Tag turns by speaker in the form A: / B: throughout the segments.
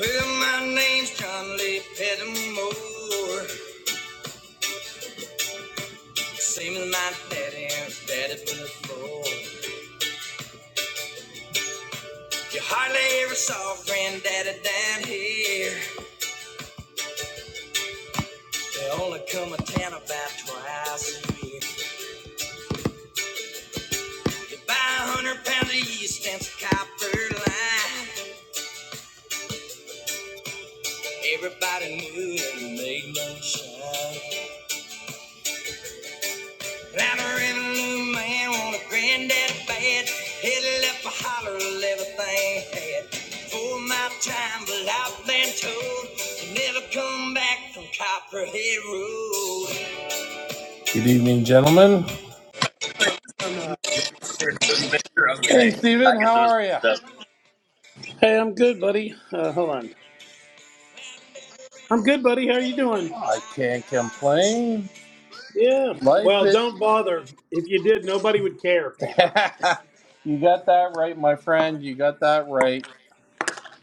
A: Well, my name's John Lee Pettimore. Same as my daddy, and his daddy before. You hardly ever saw granddaddy down here. They only come to town about twice a year. You buy a hundred pounds of yeast and some copper line. Everybody knew and made moonshine. Labyrinth new man on a granddaddy bed. Headed left for Hollerville, everything had. For my time, but I've been told to never come back from Copperhead Road. Good evening, gentlemen.
B: Or not. You
A: Hey,
B: Okay.
A: Steven,
B: I get
A: how
B: those.
A: are you?
B: mixed up. Hey, I'm good, buddy. Uh, hold on. I'm good, buddy. How are you doing?
A: I can't complain.
B: Yeah.
A: Life
B: Well,
A: is.
B: don't bother. If you did, nobody would care, Peter.
A: you got that right, my friend. You got that right.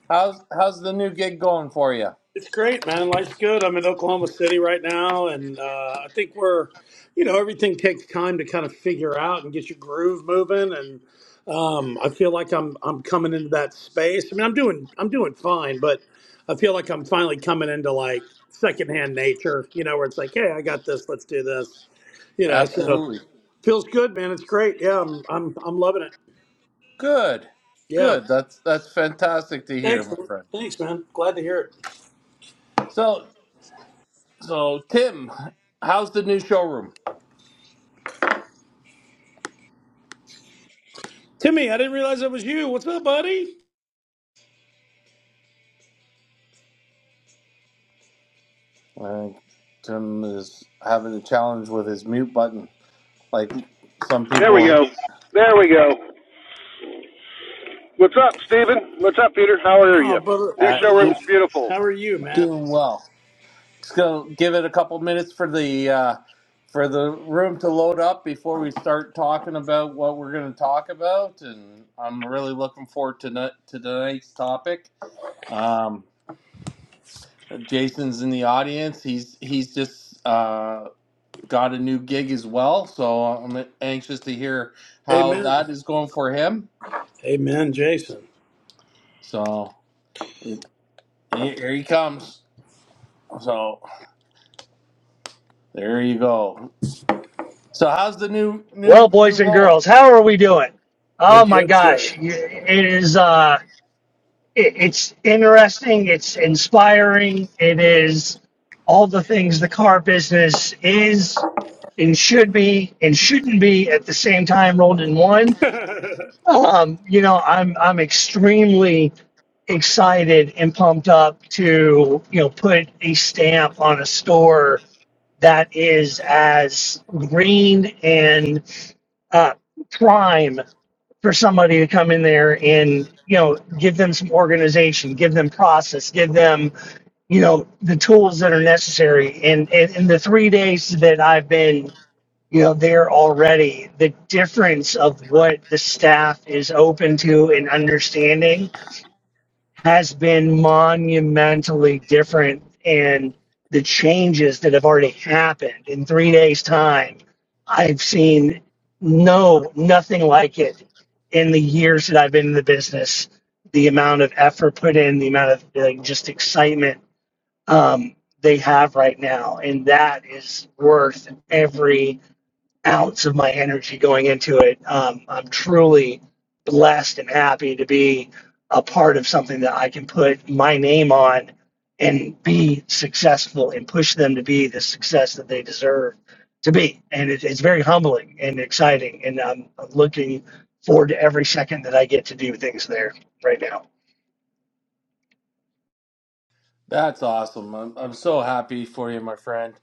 A: How's how's the new gig going for you?
B: It's great, man. Life's good. I'm in Oklahoma City right now, and uh, I think we're, you know, everything takes time to kind of figure out and get your groove moving. And um, I feel like I'm I'm coming into that space. I mean, I'm doing I'm doing fine, but I feel like I'm finally coming into like secondhand nature. You know, where it's like, hey, I got this. Let's do this. You know, so
A: Absolutely.
B: feels good, man. It's great. Yeah, I'm I'm I'm loving it.
A: Good.
B: Yeah.
A: Good. That's that's fantastic to hear,
B: Thanks.
A: my
B: man.
A: friend.
B: Thanks, man. Glad to hear it.
A: So so Tim, how's the new showroom?
B: Timmy, I didn't realize that was you. What's up, buddy?
A: Uh, Tim is having a challenge with his mute button, like some
C: There we
A: people
C: go. There we go. What's up, Stephen? What's up, Peter? How are
B: Oh,
C: you?
B: brother,
C: New
A: uh
B: living
A: do,
C: showroom's
B: life.
C: beautiful.
B: How are you, man?
A: doing well. Just gonna give it a couple minutes for the uh, for the room to load up before we start talking about what we're going to talk about, and I'm really looking forward to, no- to tonight's topic. Um, Jason's in the audience. He's he's just uh, got a new gig as well, so I'm anxious to hear how
B: Amen.
A: that is going for him.
B: Amen, Jason.
A: So it, here he comes. So there you go. So how's the new
D: Well,
A: new new
D: boys and
A: role?
D: girls, how are we doing?
B: We're
D: Oh my
B: good, sir.
D: gosh, it is. Uh, it, it's interesting. It's inspiring. It is all the things the car business is and should be and shouldn't be at the same time rolled in one.
B: I,
D: Um, you know, I'm I'm extremely excited and pumped up to you know put a stamp on a store that is as green and uh, prime for somebody to come in there and you know give them some organization give them process give them you know the tools that are necessary and and in and the three days that i've been you know there already the difference of what the staff is open to and understanding has been monumentally different and the changes that have already happened in three days time i've seen no nothing like it in the years that i've been in the business the amount of effort put in the amount of like, just excitement um, they have right now and that is worth every ounce of my energy going into it. Um, I'm truly blessed and happy to be a part of something that I can put my name on and be successful and push them to be the success that they deserve to be. And it, it's very humbling and exciting. And I'm looking forward to every second that I get to do things there right now.
A: That's awesome. I'm, I'm so happy for you, my friend,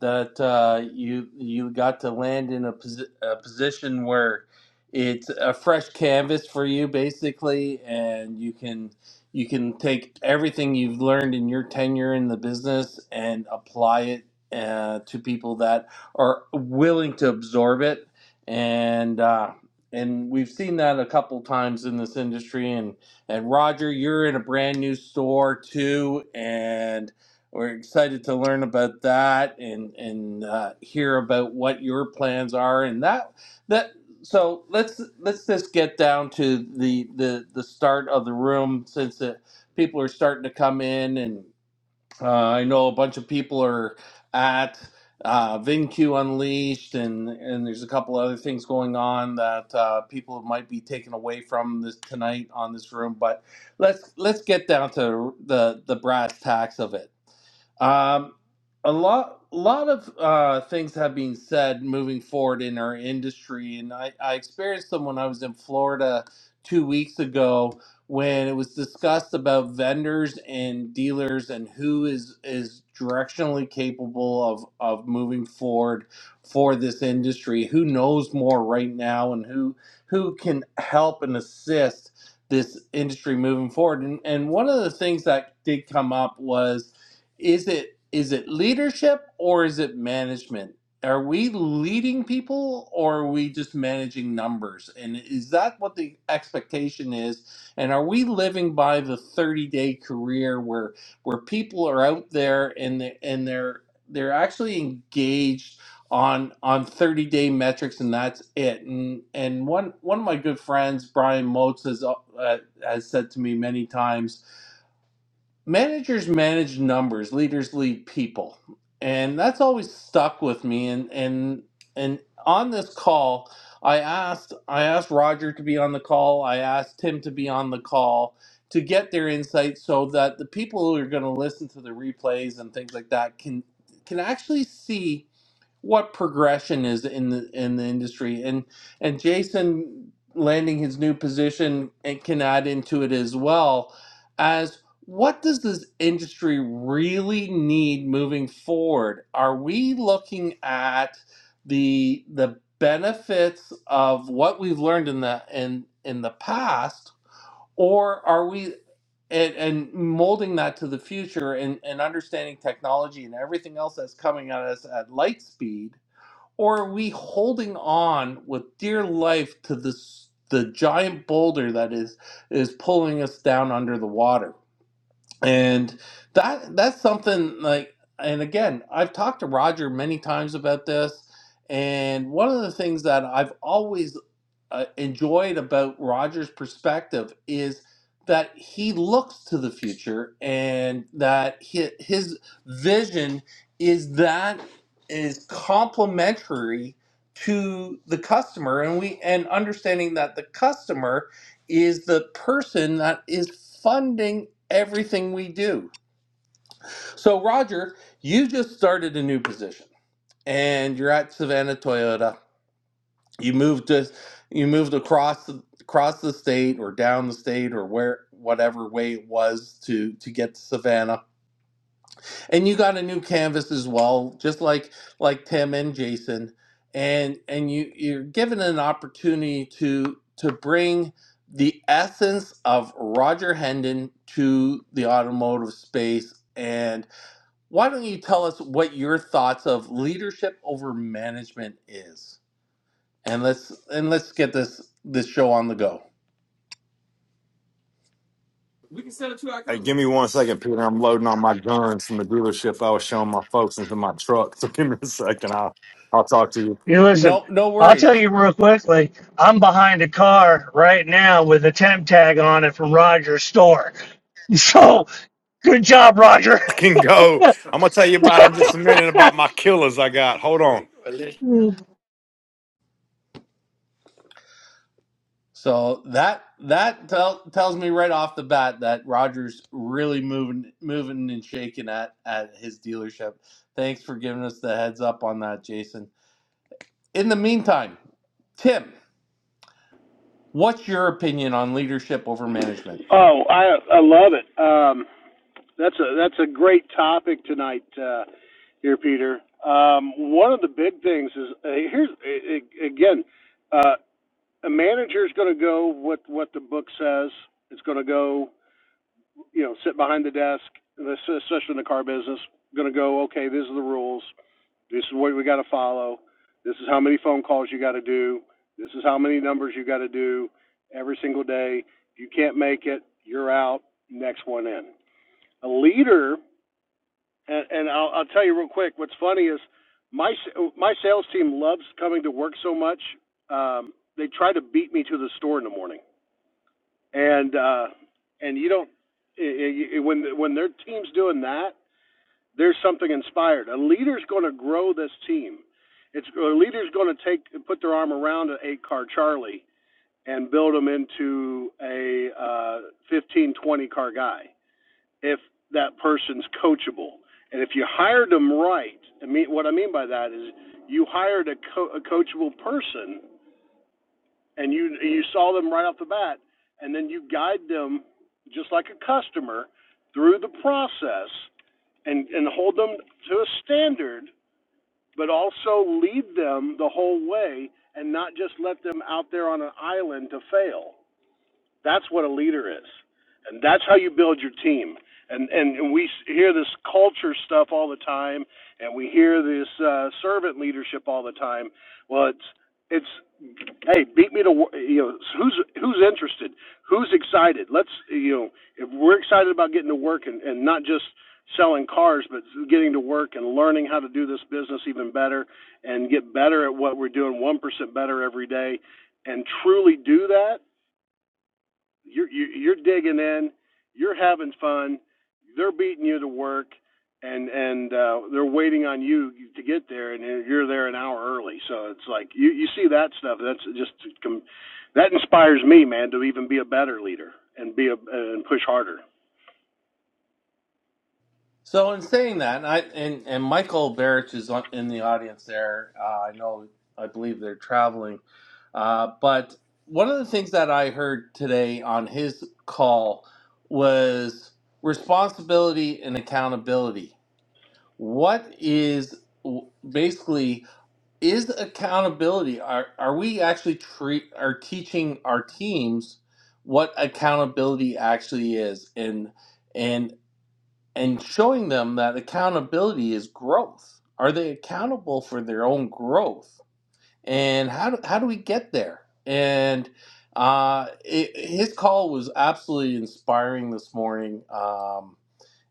A: that uh, you you got to land in a, posi- a position where it's a fresh canvas for you, basically, and you can you can take everything you've learned in your tenure in the business and apply it uh, to people that are willing to absorb it, and uh, and we've seen that a couple times in this industry, and. And Roger, you're in a brand new store too, and we're excited to learn about that and and uh, hear about what your plans are. And that that so let's let's just get down to the the the start of the room since the people are starting to come in and. Uh, I know a bunch of people are at uh, VinQ Unleashed, and and there's a couple other things going on that uh, people might be taken away from this tonight on this room. But let's let's get down to the the brass tacks of it. Um, a lot, lot of uh, things have been said moving forward in our industry, and I, I experienced them when I was in Florida two weeks ago when it was discussed about vendors and dealers and who is is directionally capable of of moving forward for this industry who knows more right now and who who can help and assist this industry moving forward and and one of the things that did come up was is it is it leadership or is it management are we leading people or are we just managing numbers and is that what the expectation is and are we living by the 30 day career where where people are out there and they, and they're they're actually engaged on on 30 day metrics and that's it and and one one of my good friends Brian Motes has uh, has said to me many times managers manage numbers leaders lead people and that's always stuck with me and and and on this call i asked i asked roger to be on the call i asked tim to be on the call to get their insight so that the people who are going to listen to the replays and things like that can can actually see what progression is in the in the industry and and Jason landing his new position and can add into it as well as what does this industry really need moving forward are we looking at the the benefits of what we've learned in the in in the past or are we and, and molding that to the future and, and understanding technology and everything else that's coming at us at light speed or are we holding on with dear life to this the giant boulder that is is pulling us down under the water and that that's something like and again i've talked to roger many times about this and one of the things that i've always uh, enjoyed about Roger's perspective is that he looks to the future and that his, his vision is that is complementary to the customer and we and understanding that the customer is the person that is funding everything we do. So Roger, you just started a new position and you're at Savannah Toyota you moved to you moved across the, across the state or down the state or where whatever way it was to to get to Savannah and you got a new canvas as well just like like Tim and Jason and and you you're given an opportunity to to bring the essence of Roger Hendon to the automotive space and why don't you tell us what your thoughts of leadership over management is and let's and let's get this this show on the go.
E: We can send it to our.
D: You listen,
A: No, no
D: I'll tell
A: worries.
D: you real quickly. I'm behind a car right now with a temp tag on it from Roger's store. So good job, Roger. Mm,
A: So that that tell, tells me right off the bat that Rogers really moving moving and shaking at at his dealership. Thanks for giving us the heads up on that, Jason. In the meantime, Tim, what's your opinion on leadership over management?
C: Oh, I I love it. Um, that's a that's a great topic tonight, uh, here, Peter. Um, one of the big things is uh, here's a- a- again, uh, a manager's going to go what what the book says. It's going to go, you know, sit behind the desk, especially in the car business. Going to go, okay, these are the rules. This is what we got to follow. This is how many phone calls you got to do. This is how many numbers you got to do every single day. If you can't make it, you're out. Next one in. A leader, and, and I'll, I'll tell you real quick. What's funny is my my sales team loves coming to work so much. Um, they try to beat me to the store in the morning, and uh, and you don't i i when when their team's doing that there's something inspired. A leader's going to grow this team. It's a leader's going to take put their arm around an eight car Charlie and build them into a uh, 15, car guy if that person's coachable. And if you hired them right, I mean, what I mean by that is you hired a, co- a coachable person and you you saw them right off the bat, and then you guide them just like a customer through the process and and hold them to a standard, but also lead them the whole way and not just let them out there on an island to fail. That's what a leader is, and that's how you build your team. And and we hear this culture stuff all the time, and we hear this uh, servant leadership all the time. Well, it's it's hey, beat me to you know who's who's interested, who's excited. Let's you know if we're excited about getting to work and, and not just selling cars, but getting to work and learning how to do this business even better and get better at what we're doing, one percent better every day, and truly do that you're you- are you are digging in. You're having fun. They're beating you to work, and and uh, they're waiting on you to get there, and you're there an hour early. So it's like you you see that stuff. That's just that inspires me, man, to even be a better leader and be a and push harder.
A: So in saying that, and I and, and Michael Barrich is on, in the audience there. Uh, I know, I believe they're traveling, uh, but one of the things that I heard today on his call was responsibility and accountability. What is basically is accountability? Are are we actually treat are teaching our teams what accountability actually is and and and showing them that accountability is growth. Are they accountable for their own growth? And how do, how do we get there? And uh, it, his call was absolutely inspiring this morning. Um,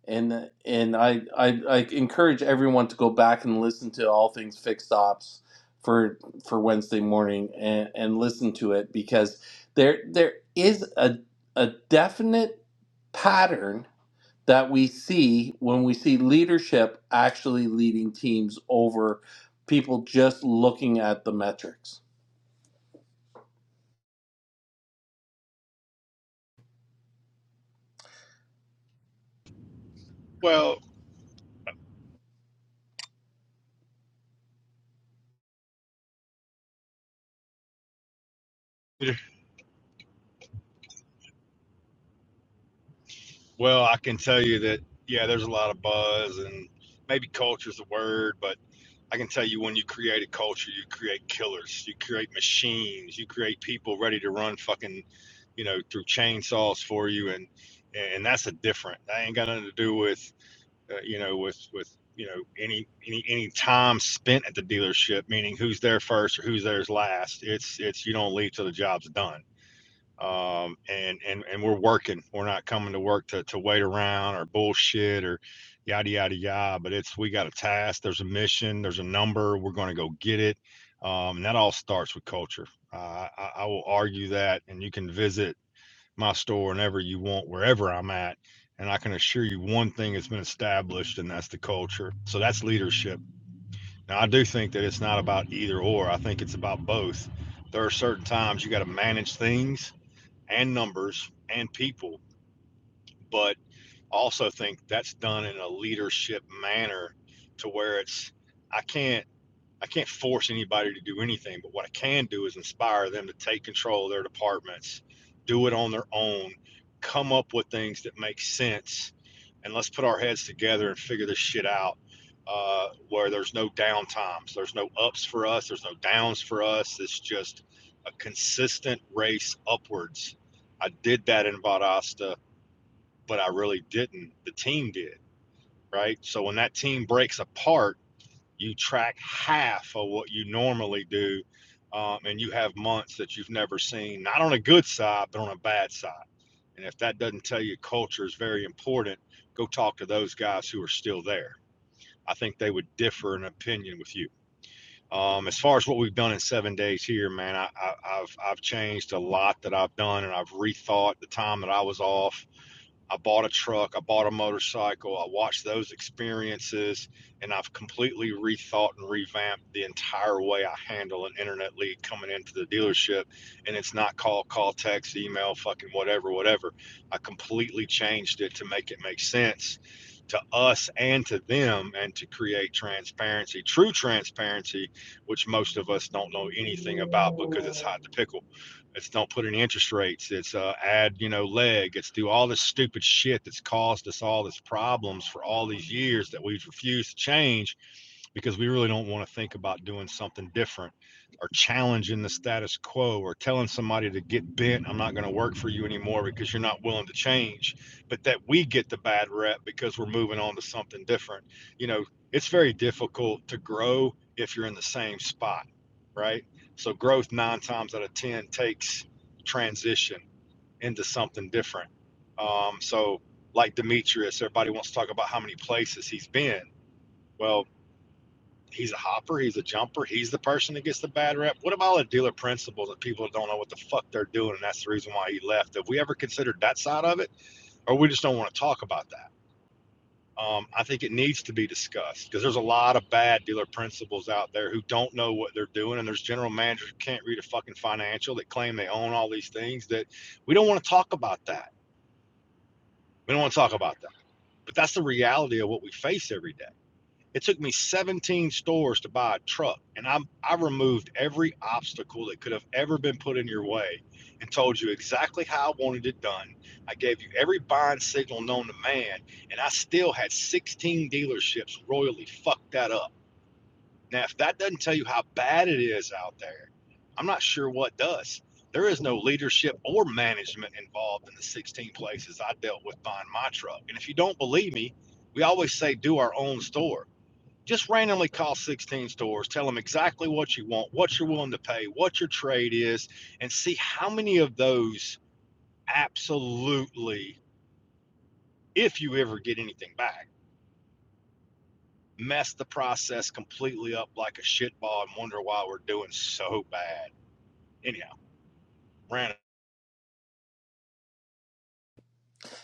A: and and I, I I encourage everyone to go back and listen to all things fixed ops for for Wednesday morning and, and listen to it because there there is a a definite pattern that we see when we see leadership actually leading teams over people just looking at the metrics.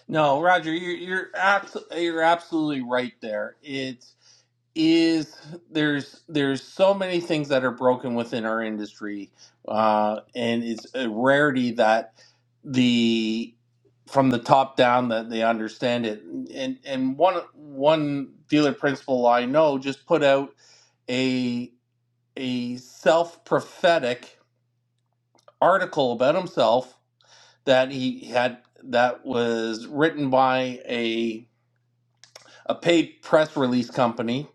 A: No, Roger, you're you're, abs- you're absolutely right there. It's is there's there's so many things that are broken within our industry, uh, and it's a rarity that the from the top down that they understand it. And and one one dealer principal I know just put out a. a self prophetic article about himself that he had that was written by a a paid press release company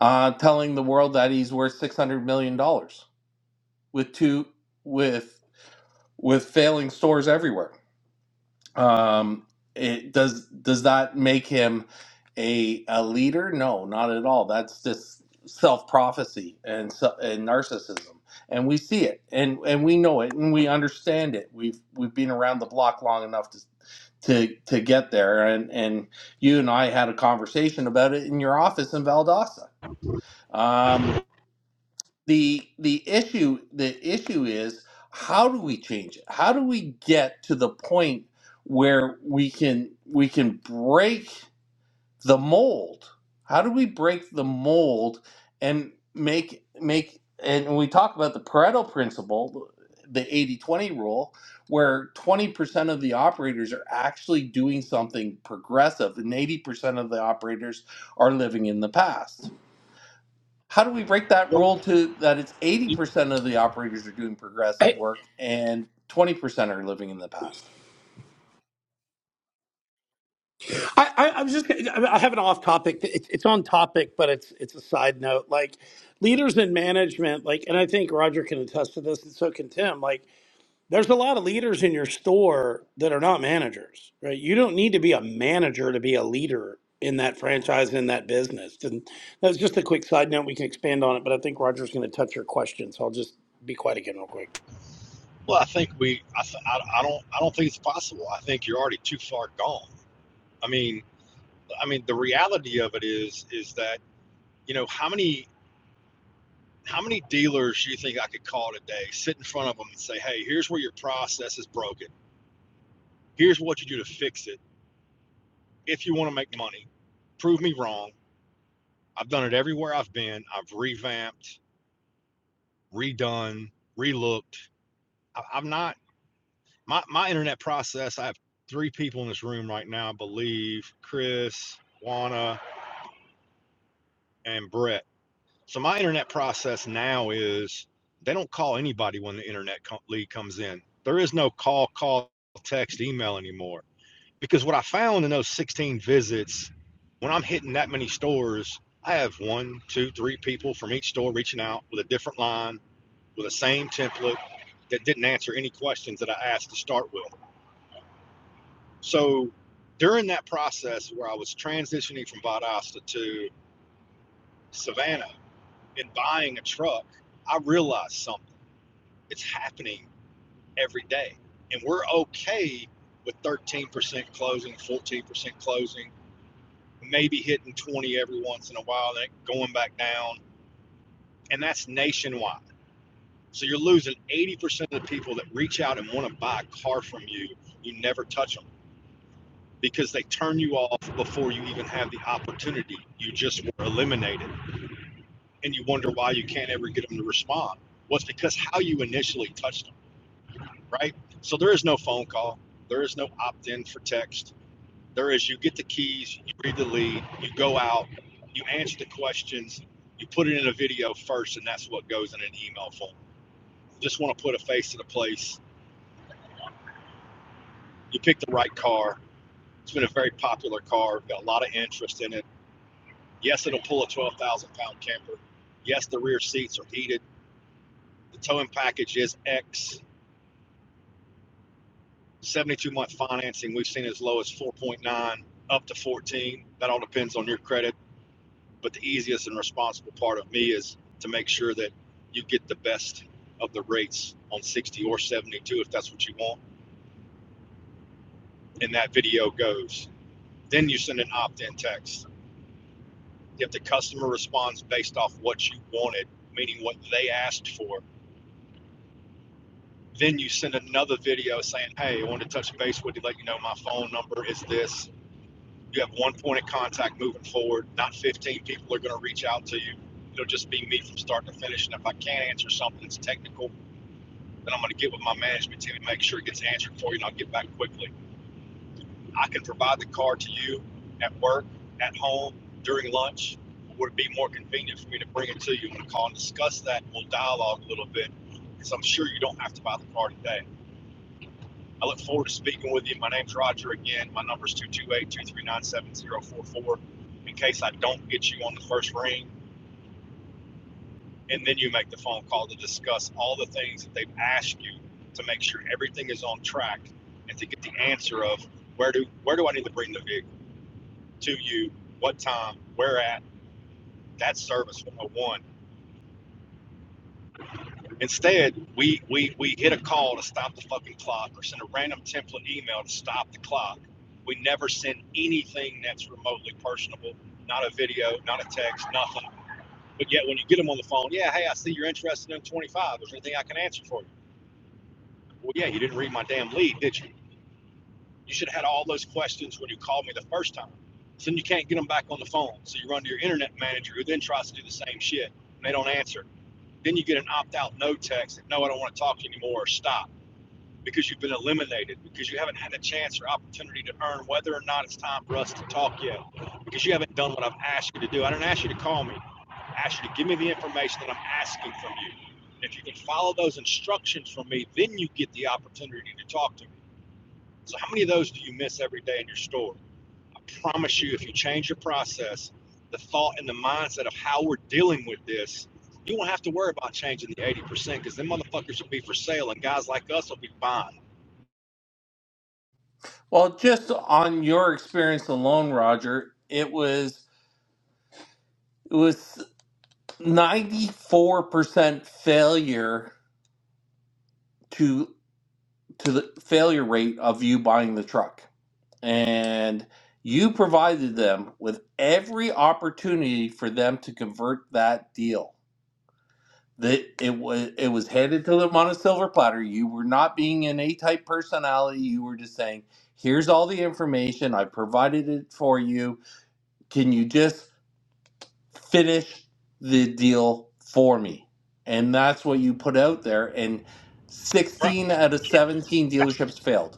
A: uh, telling the world that he's worth six hundred million dollars with two with with failing stores everywhere. Um, it does does that make him a a leader? No, not at all. That's just self prophecy and so- and narcissism, and we see it, and and we know it, and we understand it. We've we've been around the block long enough to to to get there, and and you and I had a conversation about it in your office in Valdosta. Um, the the issue the issue is how do we change it how do we get to the point where we can we can break the mold how do we break the mold and make make and when we talk about the pareto principle the eighty twenty rule where 20% of the operators are actually doing something progressive and 80% of the operators are living in the past how do we break that rule to that it's 80% of the operators are doing progressive work and 20% are living in the past
B: I, I was just, I I have an off topic. It's, it's on topic, but it's, it's a side note. Like leaders in management, like, and I think Roger can attest to this, and so can Tim. Like, there's a lot of leaders in your store that are not managers, right? You don't need to be a manager to be a leader in that franchise and in that business. And that's just a quick side note. We can expand on it, but I think Roger's going to touch your question, so I'll just be quiet again real quick.
A: well just on your experience alone roger it was it was 94% failure to to the failure rate of you buying the truck and you provided them with every opportunity for them to convert that deal that it was it was handed to them on a silver platter. You were not being an A type personality. You were just saying, "Here's all the information. I provided it for you. Can you just finish the deal for me?" And that's what you put out there. And 16 out of 17 dealerships failed.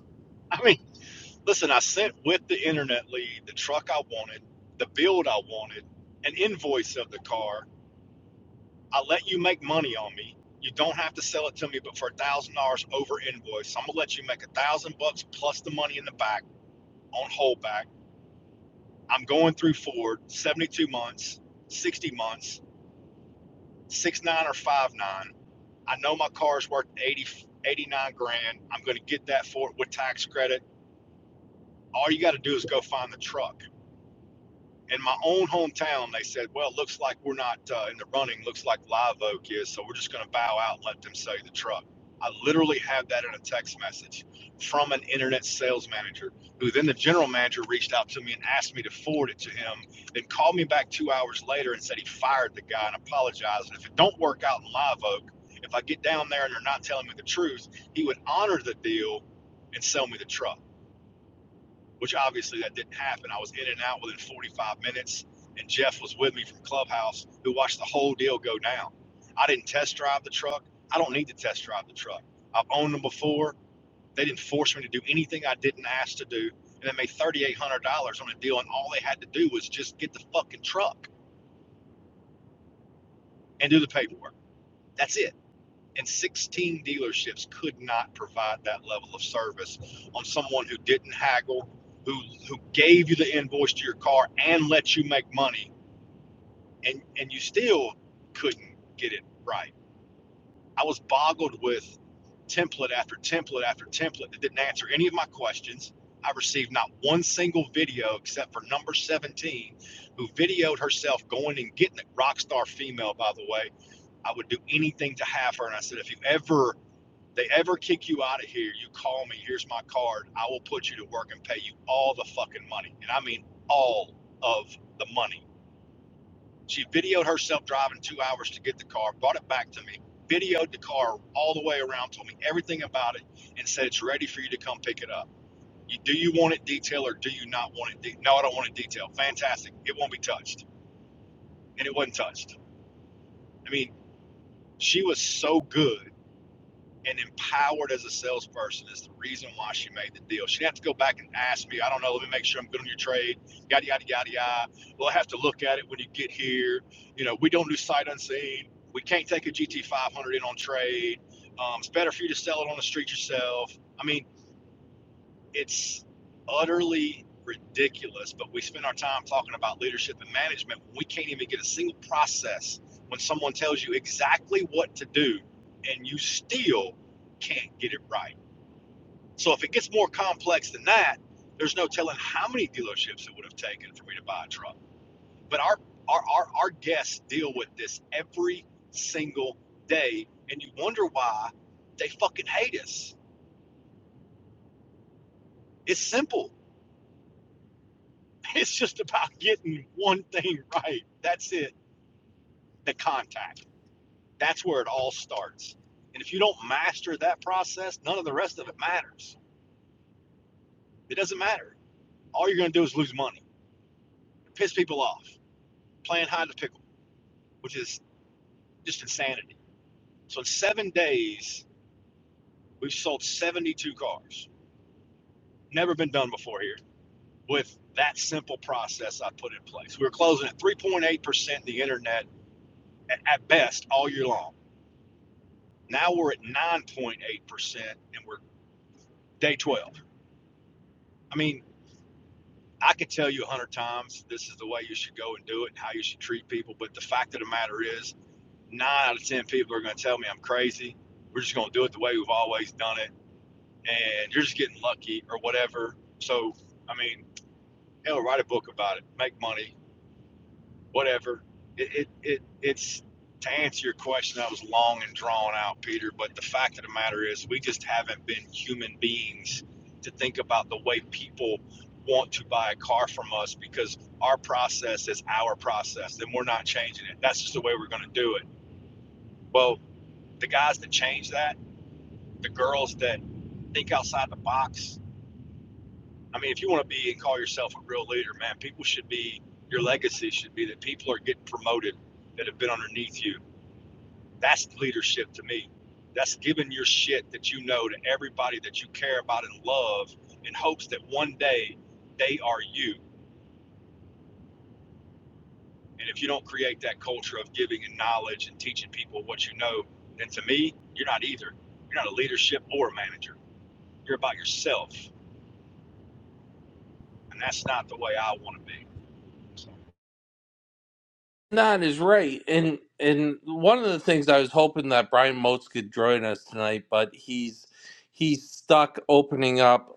A: Nine is right, and and one of the things I was hoping that Brian Motes could join us tonight, but he's he's stuck opening up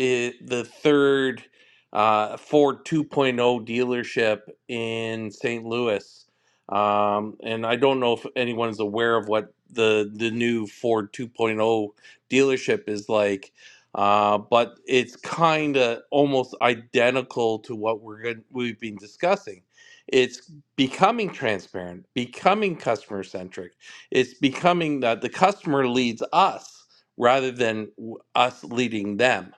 A: i the third uh, Ford 2.0 dealership in St. Louis, um, and I don't know if anyone's aware of what the the new Ford 2.0 dealership is like. Uh, but it's kind of almost identical to what we're going we've been discussing It's becoming transparent, becoming customer centric. It's becoming that the customer leads us rather than w- us leading them.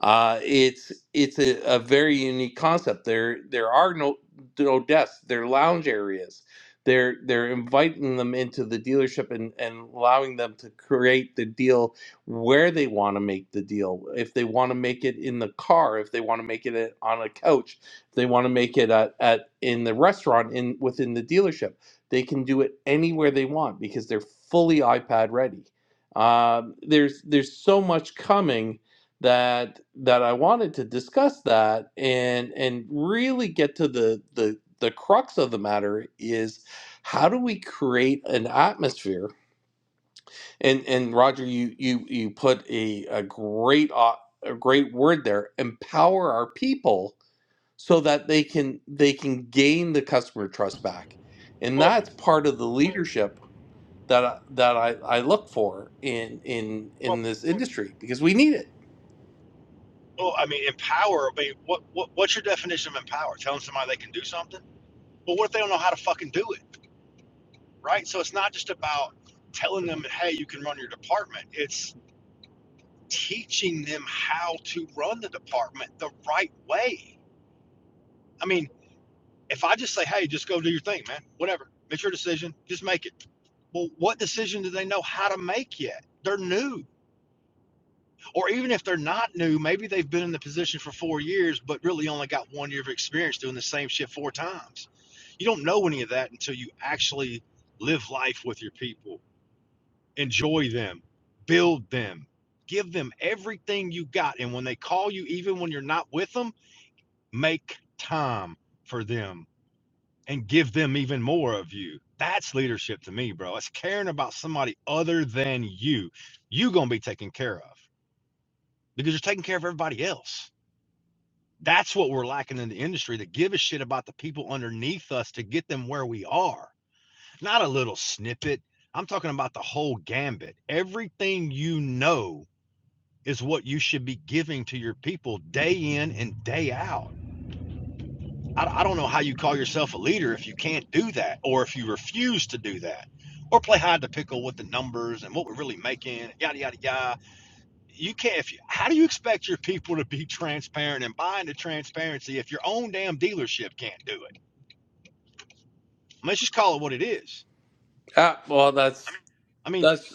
A: Uh, it's it's a, a very unique concept. There there are no no desks. They're lounge areas. They're they're inviting them into the dealership and, and allowing them to create the deal where they want to make the deal. If they want to make it in the car, if they want to make it at- on a couch, if they want to make it at, at in the restaurant in within the dealership, they can do it anywhere they want because they're fully iPad ready. Um, there's there's so much coming that that I wanted to discuss that and and really get to the the the crux of the matter is how do we create an atmosphere and and Roger you you you put a a great o- a great word there empower our people so that they can they can gain the customer trust back and that's part of the leadership that I, that I, I look for in in in this industry because we need it ah, well that's that's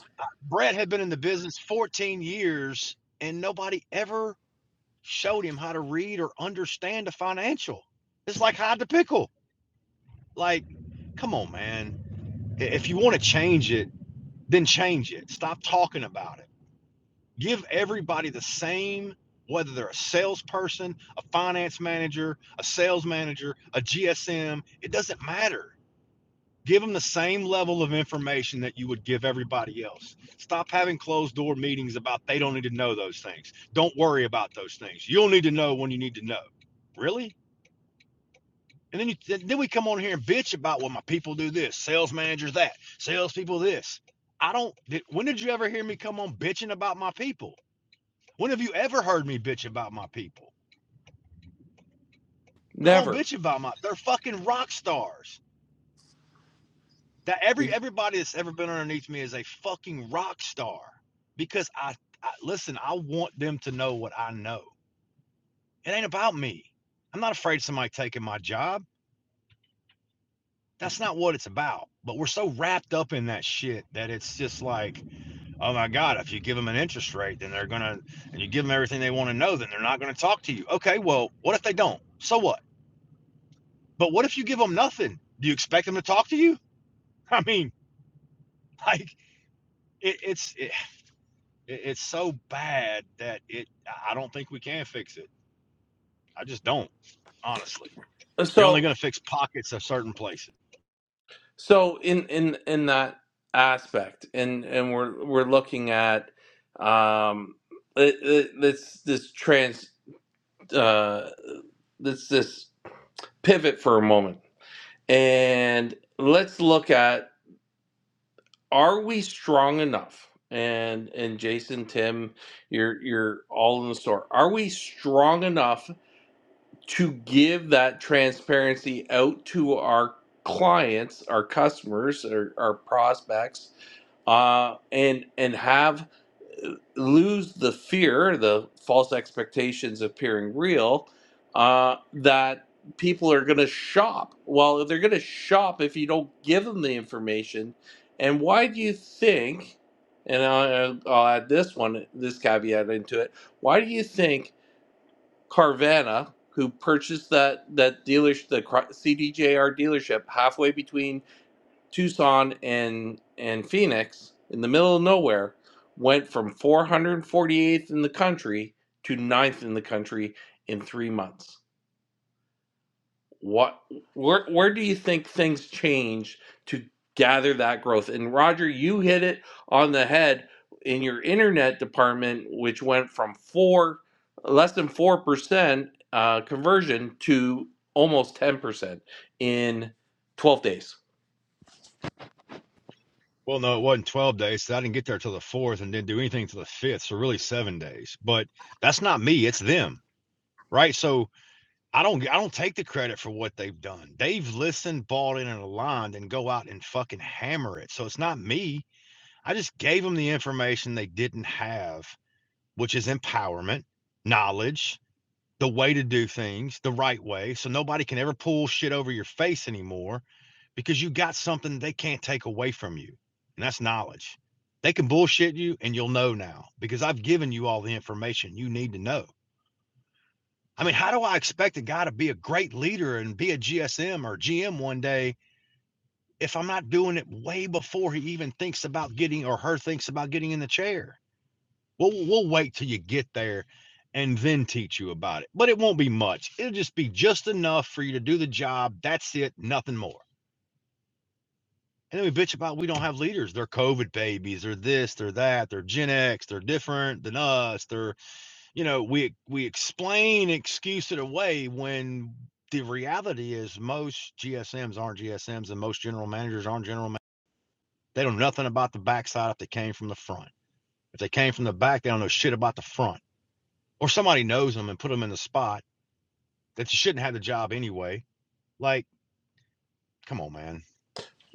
A: Never. So so in in in that aspect, and and we're we're looking at um it, it, this this trans uh this this pivot for a moment, and let's look at are we strong enough? And and Jason, Tim, you're you're all in the store. Are we strong enough to give that transparency out to our clients, our customers, our, our prospects, uh, and and have uh, lose the fear, the false expectations of appearing real, uh, that people are going to shop. Well, if they're going to shop, if you don't give them the information, and why do you think? And I, I'll add this one, this caveat into it. Why do you think Carvana, who purchased that that dealership, the CDJR dealership, halfway between Tucson and and Phoenix, in the middle of nowhere, went from 448th in the country to ninth in the country in three months what where where do you think things change to gather that growth and roger you hit it on the head in your internet department which went from four less than four percent uh, conversion to almost 10 percent in 12 days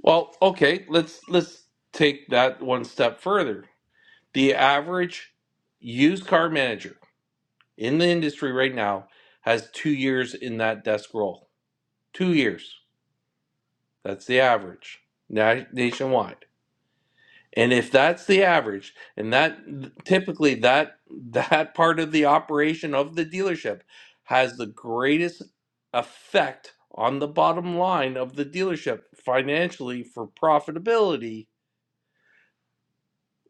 A: well okay let's let's take that one step further the average used car manager in the industry right now has two years in that desk role two years That's the average nationwide. And if that's the average, and that typically that that part of the operation of the dealership has the greatest effect on the bottom line of the dealership financially for profitability,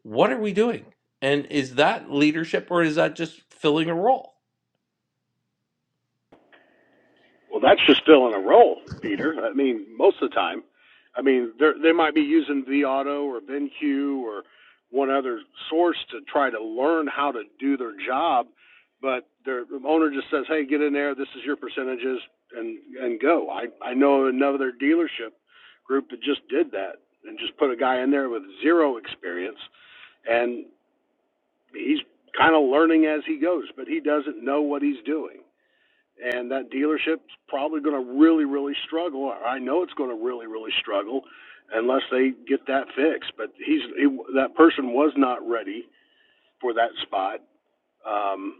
A: what are we doing? And is that leadership or is that just filling a role?
C: Well, that's just filling a role, Peter. I mean, most of the time. I mean, they they might be using vAuto or BenQ or one other source to try to learn how to do their job, but their the owner just says, "Hey, get in there. This is your percentages, and and go." I I know another dealership group that just did that and just put a guy in there with zero experience, and he's kind of learning as he goes, but he doesn't know what he's doing and that dealership's probably going to really, really struggle. I know it's going to really, really struggle unless they get that fixed. But he's he, that person was not ready for that spot. Um,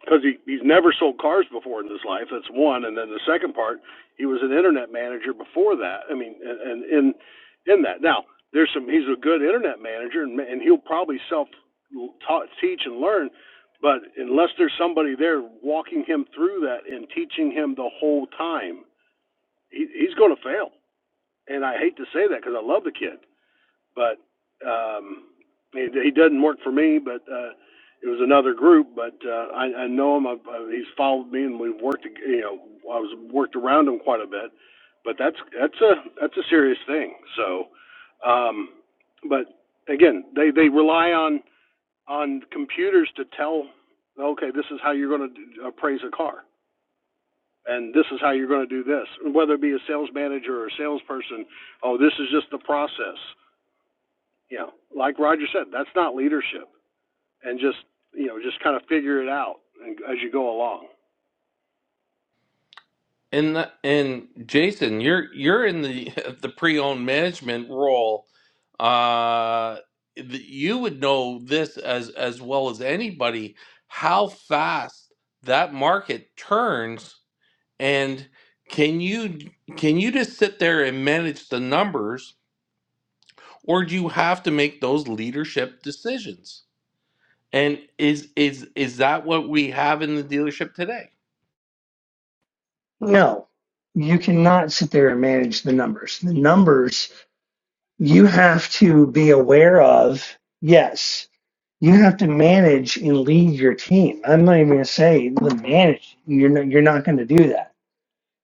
C: because he he's never sold cars before in his life. That's one, and then the second part, he was an internet manager before that. I mean, and, in in that now there's some he's a good internet manager, and and he'll probably self taught teach and learn, but unless there's somebody there walking him through that and teaching him the whole time, he, he's going to fail. And I hate to say that because I love the kid, but um, he, he doesn't work for me. But uh, it was another group. But uh, I, I know him. I've, uh, he's followed me, and we've worked. You know, I was worked around him quite a bit. But that's that's a that's a serious thing. So, um, but again, they they rely on on computers to tell, okay, this is how you're going to appraise a car. And this is how you're going to do this, whether it be a sales manager or a salesperson. Oh, this is just the process you know, like Roger said, that's not leadership. And just you know, just kind of figure it out as you go along.
A: And the, and Jason, you're you're in the the pre-owned management role. Uh, th- you would know this as as well as anybody how fast that market turns. And can you can you just sit there and manage the numbers, or do you have to make those leadership decisions? And is is is that what we have in the dealership today?
D: No, you cannot sit there and manage the numbers. The numbers you have to be aware of. Yes, you have to manage and lead your team. I'm not even going to say the manage. You're not, you're not going to do that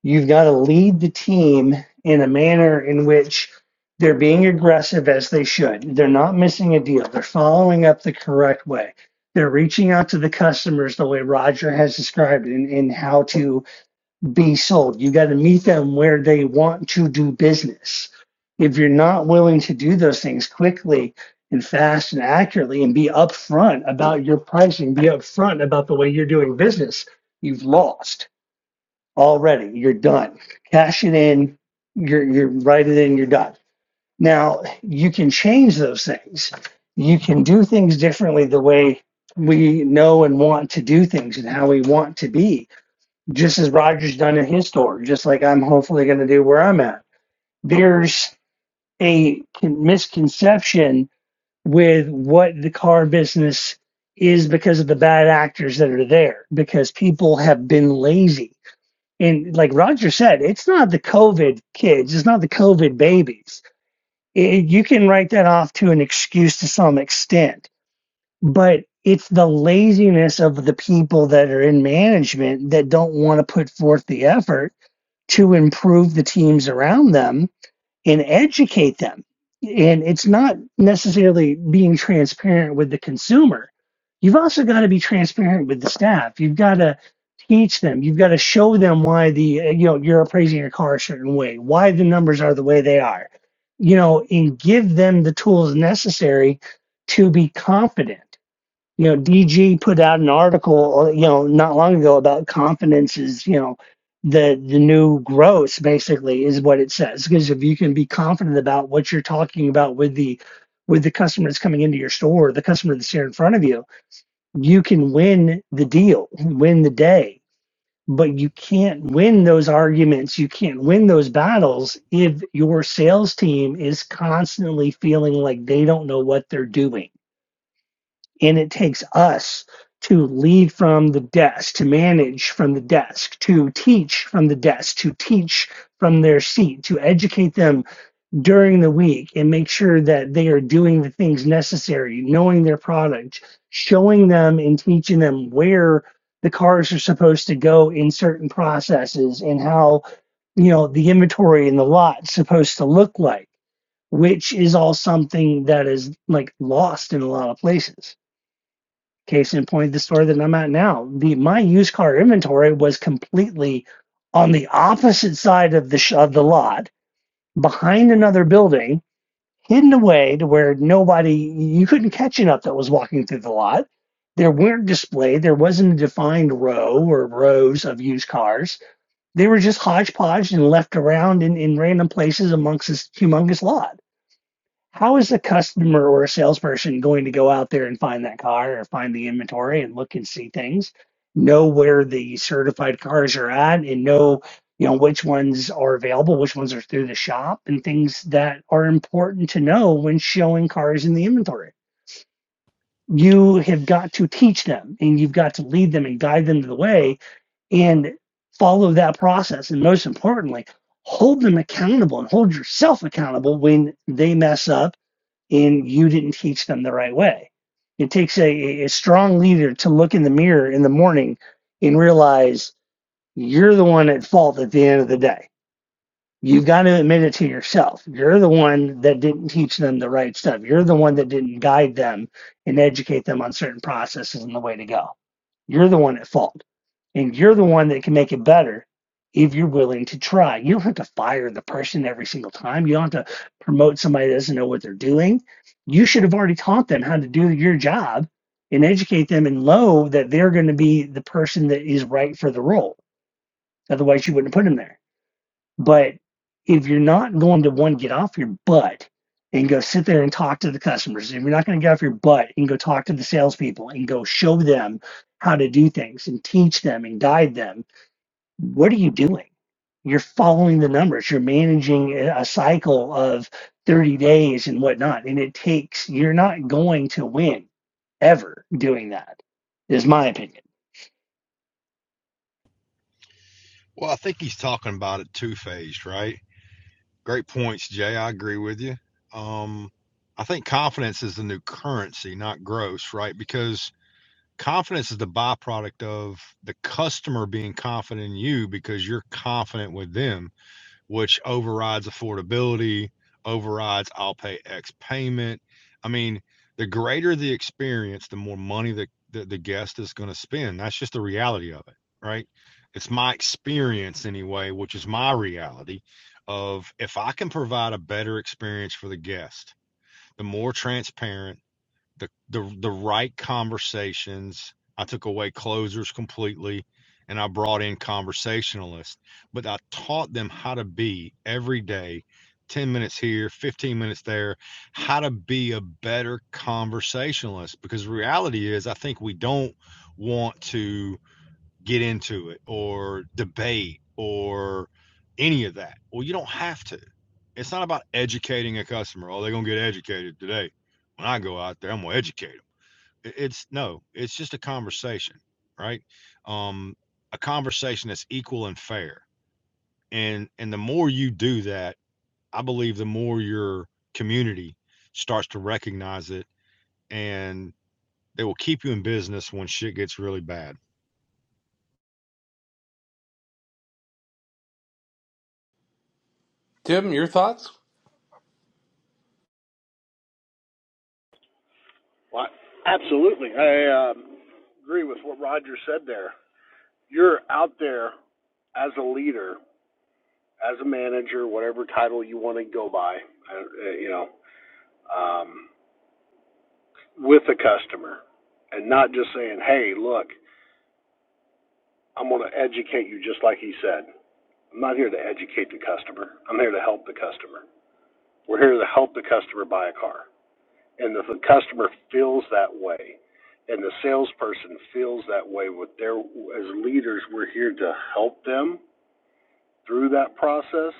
D: You've got to lead the team in a manner in which they're being aggressive as they should. They're not missing a deal. They're following up the correct way. They're reaching out to the customers the way Roger has described in, in how to be sold. You got to meet them where they want to do business. If you're not willing to do those things quickly and fast and accurately and be upfront about your pricing, be upfront about the way you're doing business, you've lost already. You're done. Cash it in. You're you're write it in. You're done. Now you can change those things. You can do things differently the way we know and want to do things and how we want to be. Just as Roger's done in his store. Just like I'm hopefully going to do where I'm at. There's a misconception with what the car business is because of the bad actors that are there because people have been lazy and like Roger said, it's not the COVID kids, it's not the COVID babies. It, you can write that off to an excuse to some extent, but it's the laziness of the people that are in management that don't want to put forth the effort to improve the teams around them and educate them. And it's not necessarily being transparent with the consumer. You've also got to be transparent with the staff. You've got to teach them. You've got to show them why the uh, you know you're appraising your car a certain way, why the numbers are the way they are, you know, and give them the tools necessary to be confident you know, DG put out an article, uh, you know, not long ago about confidence is, you know, the the new gross basically is what it says. Because if you can be confident about what you're talking about with the with the customer that's coming into your store, the customer that's here in front of you, you can win the deal, win the day. But you can't win those arguments, you can't win those battles if your sales team is constantly feeling like they don't know what they're doing and it takes us to lead from the desk, to manage from the desk, to teach from the desk, to teach from their seat, to educate them during the week and make sure that they are doing the things necessary, knowing their product, showing them and teaching them where the cars are supposed to go in certain processes and how, you know, the inventory in the lot's supposed to look like, which is all something that is like lost in a lot of places. Case in point, the store that I'm at now, the my used car inventory was completely on the opposite side of the sh- of the lot, behind another building, hidden away to where nobody you couldn't catch enough that was walking through the lot. There weren't displayed. There wasn't a defined row or rows of used cars. They were just hodgepodge and left around in, in random places amongst this humongous lot how is a customer or a salesperson going to go out there and find that car or find the inventory and look and see things know where the certified cars are at and know you know which ones are available which ones are through the shop and things that are important to know when showing cars in the inventory you have got to teach them and you've got to lead them and guide them to the way and follow that process and most importantly hold them accountable and hold yourself accountable when they mess up and you didn't teach them the right way. It takes a, a strong leader to look in the mirror in the morning and realize you're the one at fault at the end of the day. You've got to admit it to yourself. You're the one that didn't teach them the right stuff. You're the one that didn't guide them and educate them on certain processes and the way to go. You're the one at fault. And you're the one that can make it better if you're willing to try. You don't have to fire the person every single time. You don't have to promote somebody that doesn't know what they're doing. You should have already taught them how to do your job and educate them and know that they're going to be the person that is right for the role. Otherwise, you wouldn't put them there. But if you're not going to one, get off your butt and go sit there and talk to the customers, if you're not going to get off your butt and go talk to the salespeople and go show them how to do things and teach them and guide them what are you doing? You're following the numbers. You're managing a cycle of 30 days and whatnot. And it takes, you're not going to win ever doing that, is my opinion.
A: Tim, your thoughts?
C: Well, absolutely. I um, agree with what Roger said there. You're out there as a leader, as a manager, whatever title you want to go by, uh, uh, you know, um, with a customer and not just saying, hey, look, I'm going to educate you just like he said. I'm not here to educate the customer. I'm here to help the customer. We're here to help the customer buy a car. and if the customer feels that way and the salesperson feels that way with their as leaders we're here to help them through that process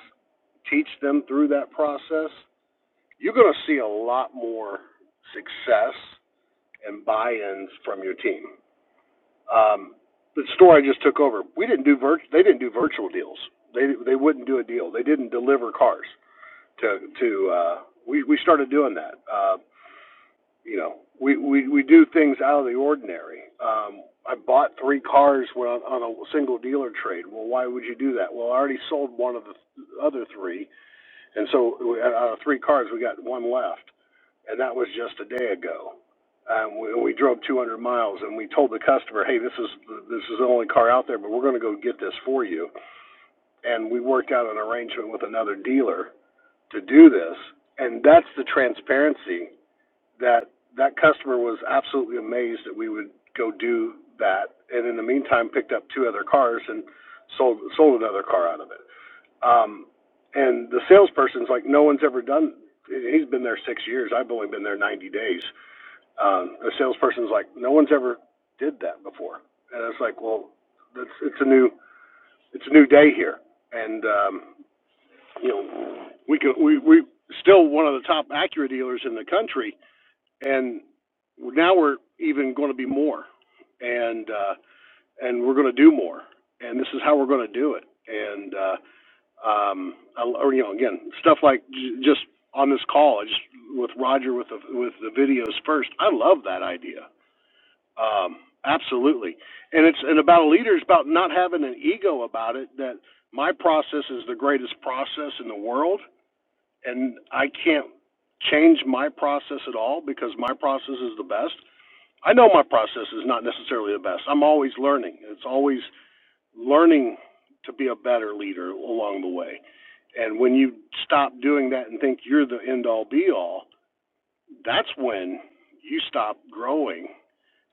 C: teach them through that process you're going to see a lot more success and buy-ins from your team um, the store i just took over we didn't do virt- they didn't do virtual deals they they wouldn't do a deal they didn't deliver cars to to uh we we started doing that Uh, you know, we, we, we do things out of the ordinary. Um, I bought three cars when, on a single dealer trade. Well, why would you do that? Well, I already sold one of the other three, and so out of three cars, we got one left, and that was just a day ago. Um, we, we drove 200 miles, and we told the customer, "Hey, this is this is the only car out there, but we're going to go get this for you." And we worked out an arrangement with another dealer to do this, and that's the transparency that that customer was absolutely amazed that we would go do that, and in the meantime picked up two other cars and sold sold another car out of it. Um, and the salesperson's like, no one's ever done. He's been there six years. I've only been there ninety days. Um, the salesperson's like, no one's ever did that before. And it's like, well, that's it's a new it's a new day here, and um, you know, we can we we still one of the top Acura dealers in the country and now we're even going to be more, and uh, and we're going to do more, and this is how we're going to do it, and uh, um, I, or, you know, again, stuff like j- just on this call, I just with Roger with the with the videos first. I love that idea, um, absolutely, and it's and about a leader is about not having an ego about it. That my process is the greatest process in the world, and I can't change my process at all because my process is the best I know my process is not necessarily the best. I'm always learning. It's always learning to be a better leader along the way. And when you stop doing that and think you're the end all be all, that's when you stop growing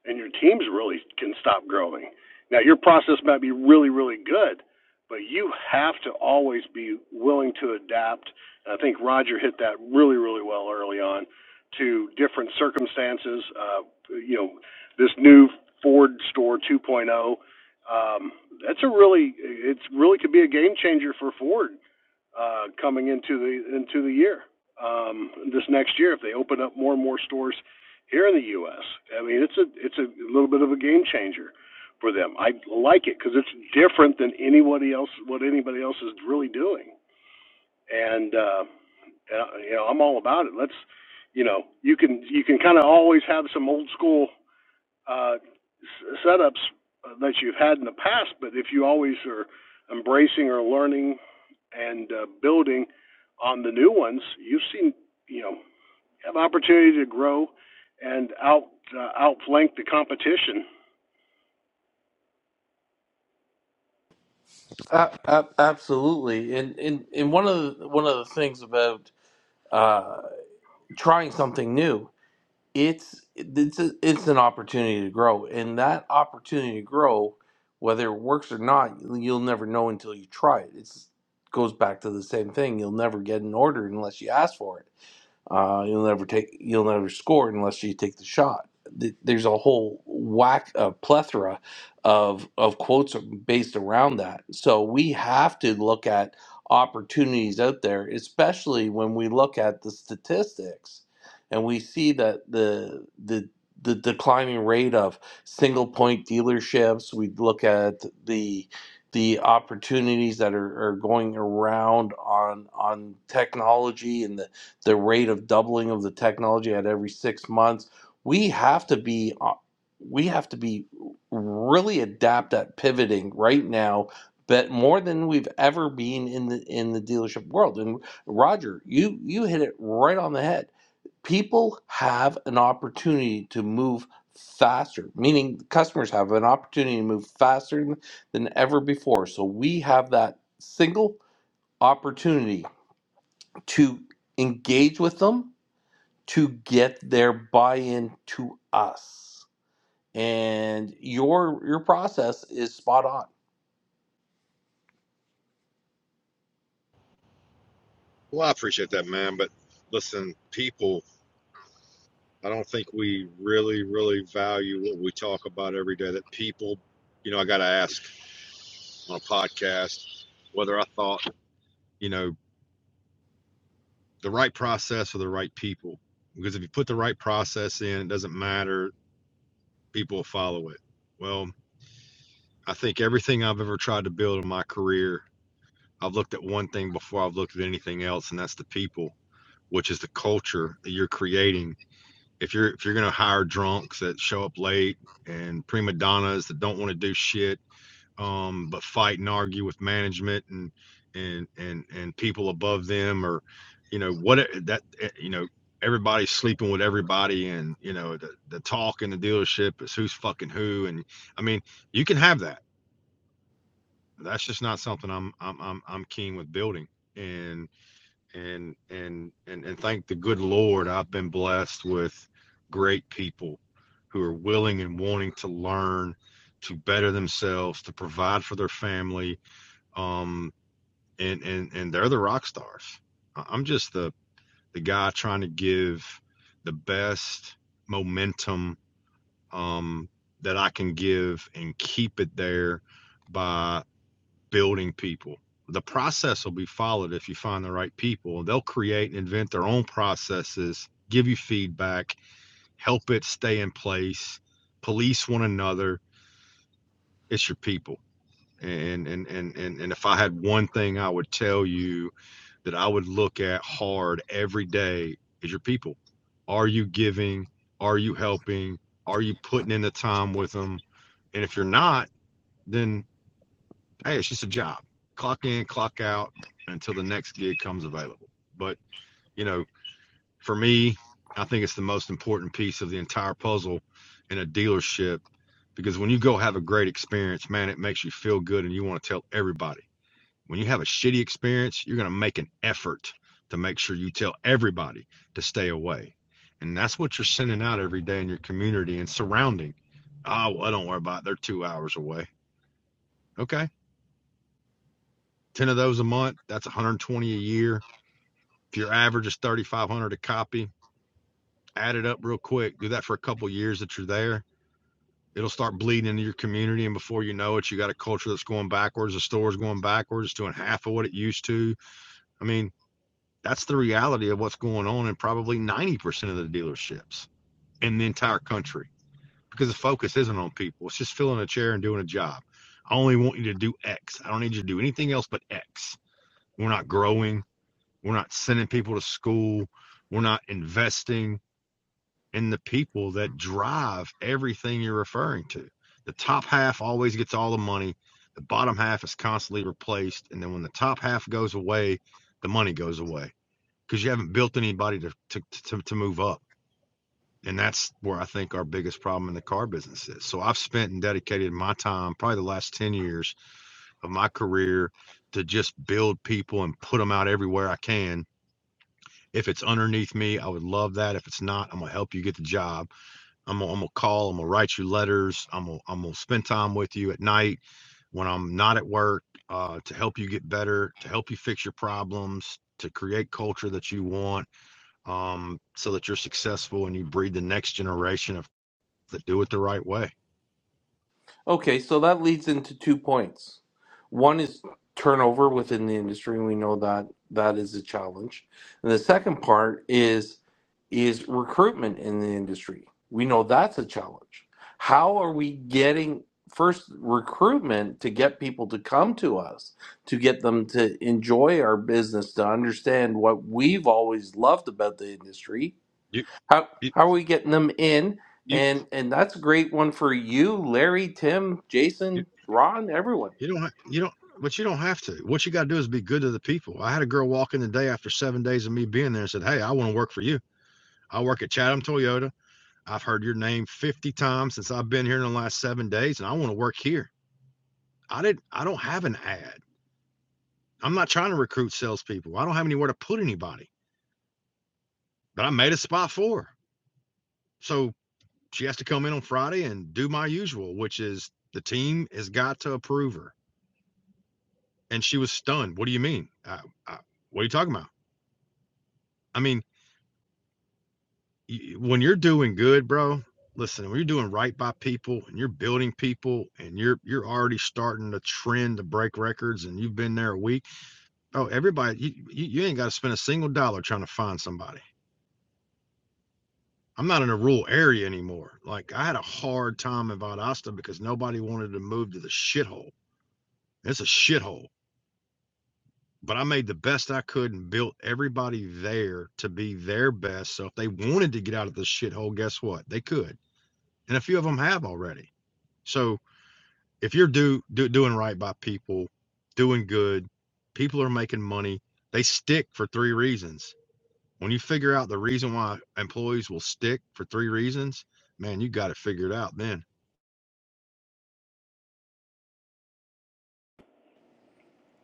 C: and your teams really can stop growing. Now, your process might be really, really good, but you have to always be willing to adapt. And I think Roger hit that really, really well early on to different circumstances. Uh, you know, this new Ford Store 2.0. Um, that's a really, it's really could be a game changer for Ford uh, coming into the into the year um, this next year if they open up more and more stores here in the U.S. I mean, it's a it's a little bit of a game changer for them. I like it because it's different than anybody else what anybody else is really doing. And uh, uh, you know, I'm all about it. Let's you know, you can you can kind of always have some old school uh, setups that you've had in the past, but if you always are embracing or learning and uh, building on the new ones, you've seen you know have opportunity to grow and out uh, outflank the competition.
A: Uh, uh, absolutely. And, and and one of the, one of the things about uh, trying something new, it's it's a, it's an opportunity to grow, and that opportunity to grow, whether it works or not, you'll never know until you try it. It's goes back to the same thing. You'll never get an order unless you ask for it. Uh, you'll never take, you'll never score unless you take the shot. There's a whole whack, a plethora of of quotes based around that. So we have to look at opportunities out there, especially when we look at the statistics and we see that the the the declining rate of single point dealerships. We look at the the opportunities that are, are going around on on technology and the the rate of doubling of the technology at every six months. We have to be uh, we have to be really adept at pivoting right now, but more than we've ever been in the in the dealership world. And Roger, you you hit it right on the head. People have an opportunity to move faster, meaning customers have an opportunity to move faster than, than ever before. So we have that single opportunity to engage with them to get their buy-in to us. And your your process is spot on. Okay, so that leads into two points. One is turnover within the industry. We know that that is a challenge. And the second part is is recruitment in the industry. We know that's a challenge. How are we getting first recruitment to get people to come to us, to get them to enjoy our business, to understand what we've always loved about the industry, how how are we getting them in? And and that's a great one for you, Larry, Tim, Jason, Ron, everyone.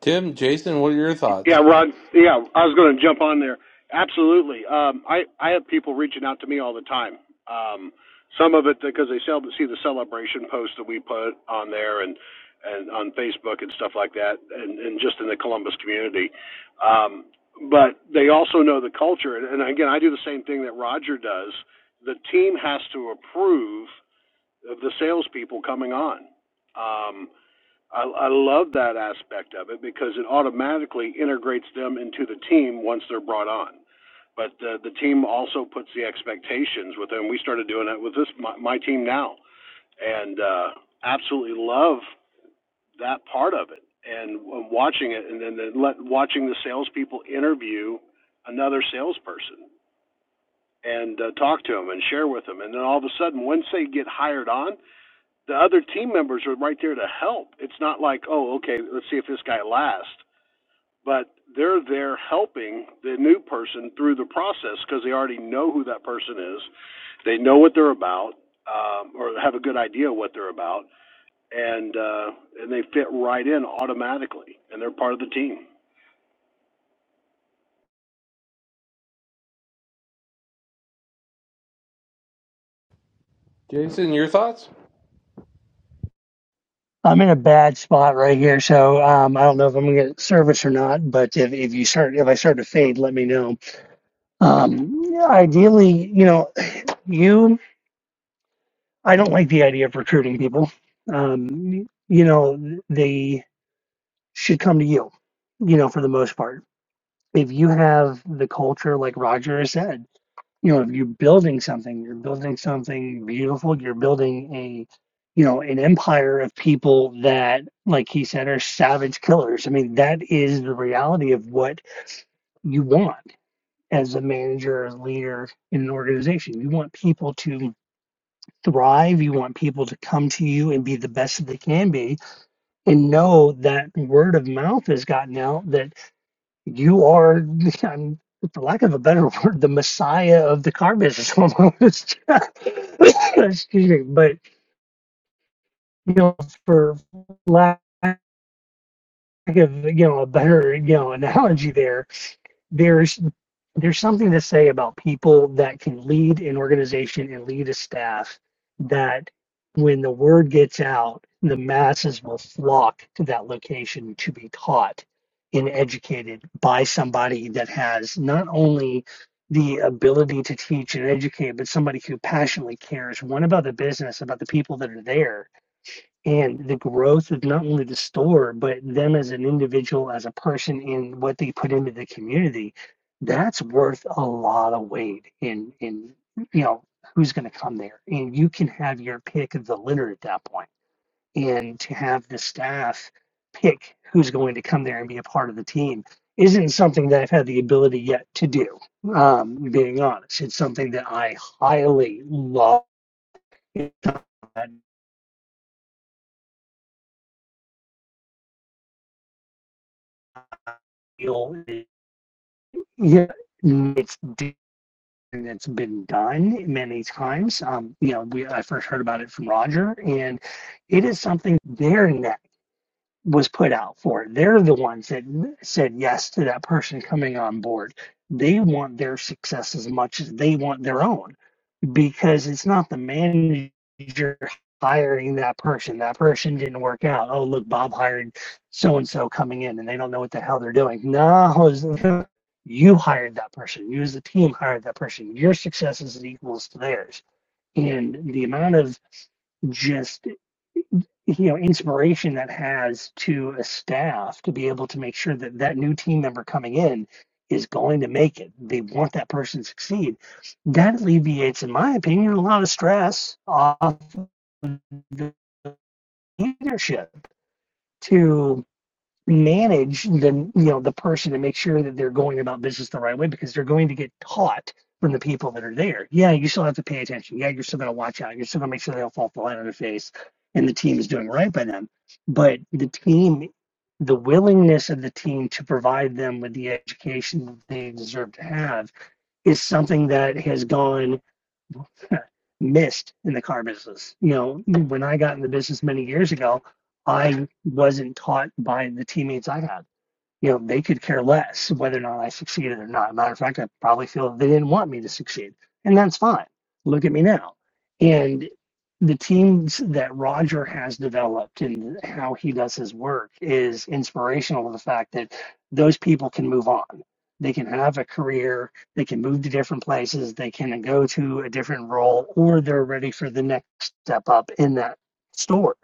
A: Tim, Jason, what are your
C: Yeah,
A: thoughts?
C: Rod. Yeah, I was going to jump on there. Absolutely. Um, I I have people reaching out to me all the time. Um, some of it because they see the celebration posts that we put on there and and on Facebook and stuff like that, and, and just in the Columbus community. Um, but they also know the culture, and, and again, I do the same thing that Roger does. The team has to approve of the salespeople coming on. Um, I, I love that aspect of it because it automatically integrates them into the team once they're brought on. But uh, the team also puts the expectations with them. We started doing that with this my, my team now, and uh, absolutely love that part of it and uh, watching it, and then let, watching the salespeople interview another salesperson and uh, talk to them and share with them, and then all of a sudden, once they get hired on, the other team members are right there to help. It's not like, oh, okay, let's see if this guy lasts. But they're there helping the new person through the process because they already know who that person is. They know what they're about, um, or have a good idea what they're about, and uh, and they fit right in automatically, and they're part of the team.
A: Jason, your thoughts?
D: I'm in a bad spot right here. So um, I don't know if I'm going to get service or not. But if, if you start, if I start to fade, let me know. Um, ideally, you know, you, I don't like the idea of recruiting people. Um, you know, they should come to you, you know, for the most part if you have the culture like roger said you know if you're building something you're building something beautiful you're building a you know an empire of people that like he said are savage killers i mean that is the reality of what you want as a manager as a leader in an organization you want people to thrive you want people to come to you and be the best that they can be and know that word of mouth has gotten out that you are, I'm, for lack of a better word, the messiah of the car business almost. Excuse me, but you know, for lack of you know a better you know analogy, there there's there's something to say about people that can lead an organization and lead a staff that when the word gets out, the masses will flock to that location to be taught and educated by somebody that has not only the ability to teach and educate, but somebody who passionately cares one about the business, about the people that are there, and the growth of not only the store but them as an individual as a person and what they put into the community that's worth a lot of weight in in you know who's going to come there and you can have your pick of the litter at that point point. and to have the staff pick who's going to come there and be a part of the team isn't something that i've had the ability yet to do um, being honest it's something that i highly love It's something that I feel is Yeah, it's d- and it's been done many times. Um, you know, we I first heard about it from Roger, and it is something their net was put out for. They're the ones that said yes to that person coming on board. They want their success as much as they want their own because it's not the manager hiring that person. That person didn't work out. Oh, look, Bob hired so and so coming in, and they don't know what the hell they're doing. No, it's- you hired that person. You, as a team, hired that person. Your success is equals to theirs. And the amount of just you know inspiration that has to a staff to be able to make sure that that new team member coming in is going to make it they want that person to succeed that alleviates in my opinion a lot of stress off of the leadership to manage the you know the person to make sure that they're going about business the right way because they're going to get taught from the people that are there. Yeah, you still have to pay attention. Yeah, you're still going to watch out. You're still going to make sure they don't fall flat on their face, and the team is doing right by them. But the team, the willingness of the team to provide them with the education that they deserve to have is something that has gone missed in the car business. You know, when I got in the business many years ago, I wasn't taught by the teammates I had you know, they could care less whether or not I succeeded or not. Matter of fact, I probably feel that they didn't want me to succeed, and that's fine. Look at me now. And the teams that Roger has developed and how he does his work is inspirational to the fact that those people can move on. They can have a career, they can move to different places, they can go to a different role, or they're ready for the next step up in that store.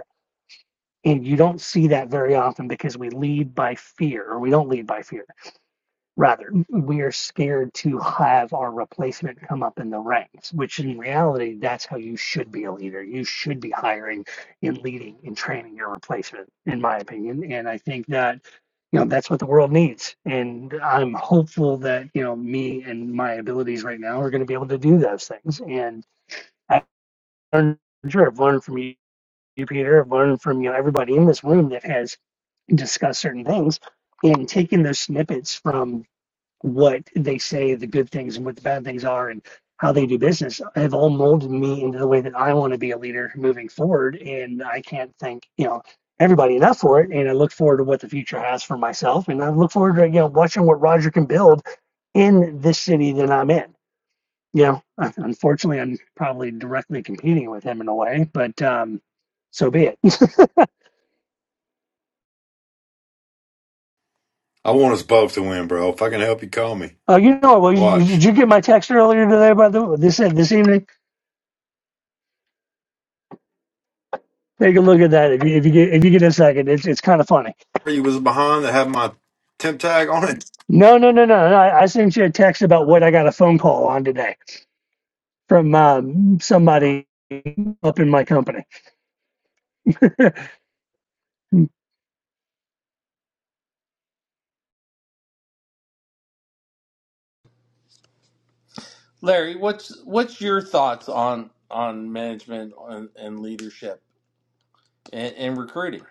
D: And you don't see that very often because we lead by fear, or we don't lead by fear Rather, we are scared to have our replacement come up in the ranks, which in reality, that's how you should be a leader. You should be hiring and leading and training your replacement, in my opinion. And I think that, you know, that's what the world needs. And I'm hopeful that, you know, me and my abilities right now are going to be able to do those things. And I've learned, sure, I've learned from you, Peter. I've learned from, you know, everybody in this room that has discussed certain things and taking those snippets from what they say the good things and what the bad things are and how they do business have all molded me into the way that I want to be a leader moving forward. And I can't thank, you know, everybody enough for it. And I look forward to what the future has for myself. And I look forward to, you know, watching what Roger can build in this city that I'm in. You know, unfortunately, I'm probably directly competing with him in a way, but um, so be it. Oh, you know, well, did you get my text earlier today, by the way? This this evening? Take a look at that if you if you get if you get a second. It's it's kind of funny. No, no, no, no, no. I, I sent you a text about what I got a phone call on today from um, somebody up in my company.
A: Larry, what's what's your thoughts on on management and, and leadership and, and recruiting?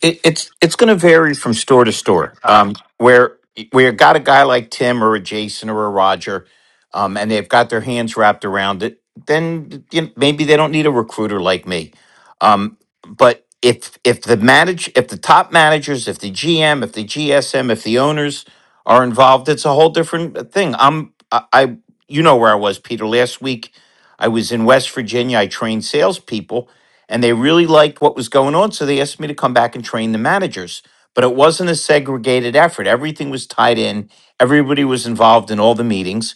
F: It, it's it's going to vary from store to store. Um, where where got a guy like Tim or a Jason or a Roger, um, and they've got their hands wrapped around it, then you know, maybe they don't need a recruiter like me. Um, but if if the manage if the top managers, if the GM, if the GSM, if the owners are involved, it's a whole different thing. I'm I, I you know where I was, Peter. Last week, I was in West Virginia. I trained salespeople and they really liked what was going on. So they asked me to come back and train the managers. But it wasn't a segregated effort. Everything was tied in. Everybody was involved in all the meetings.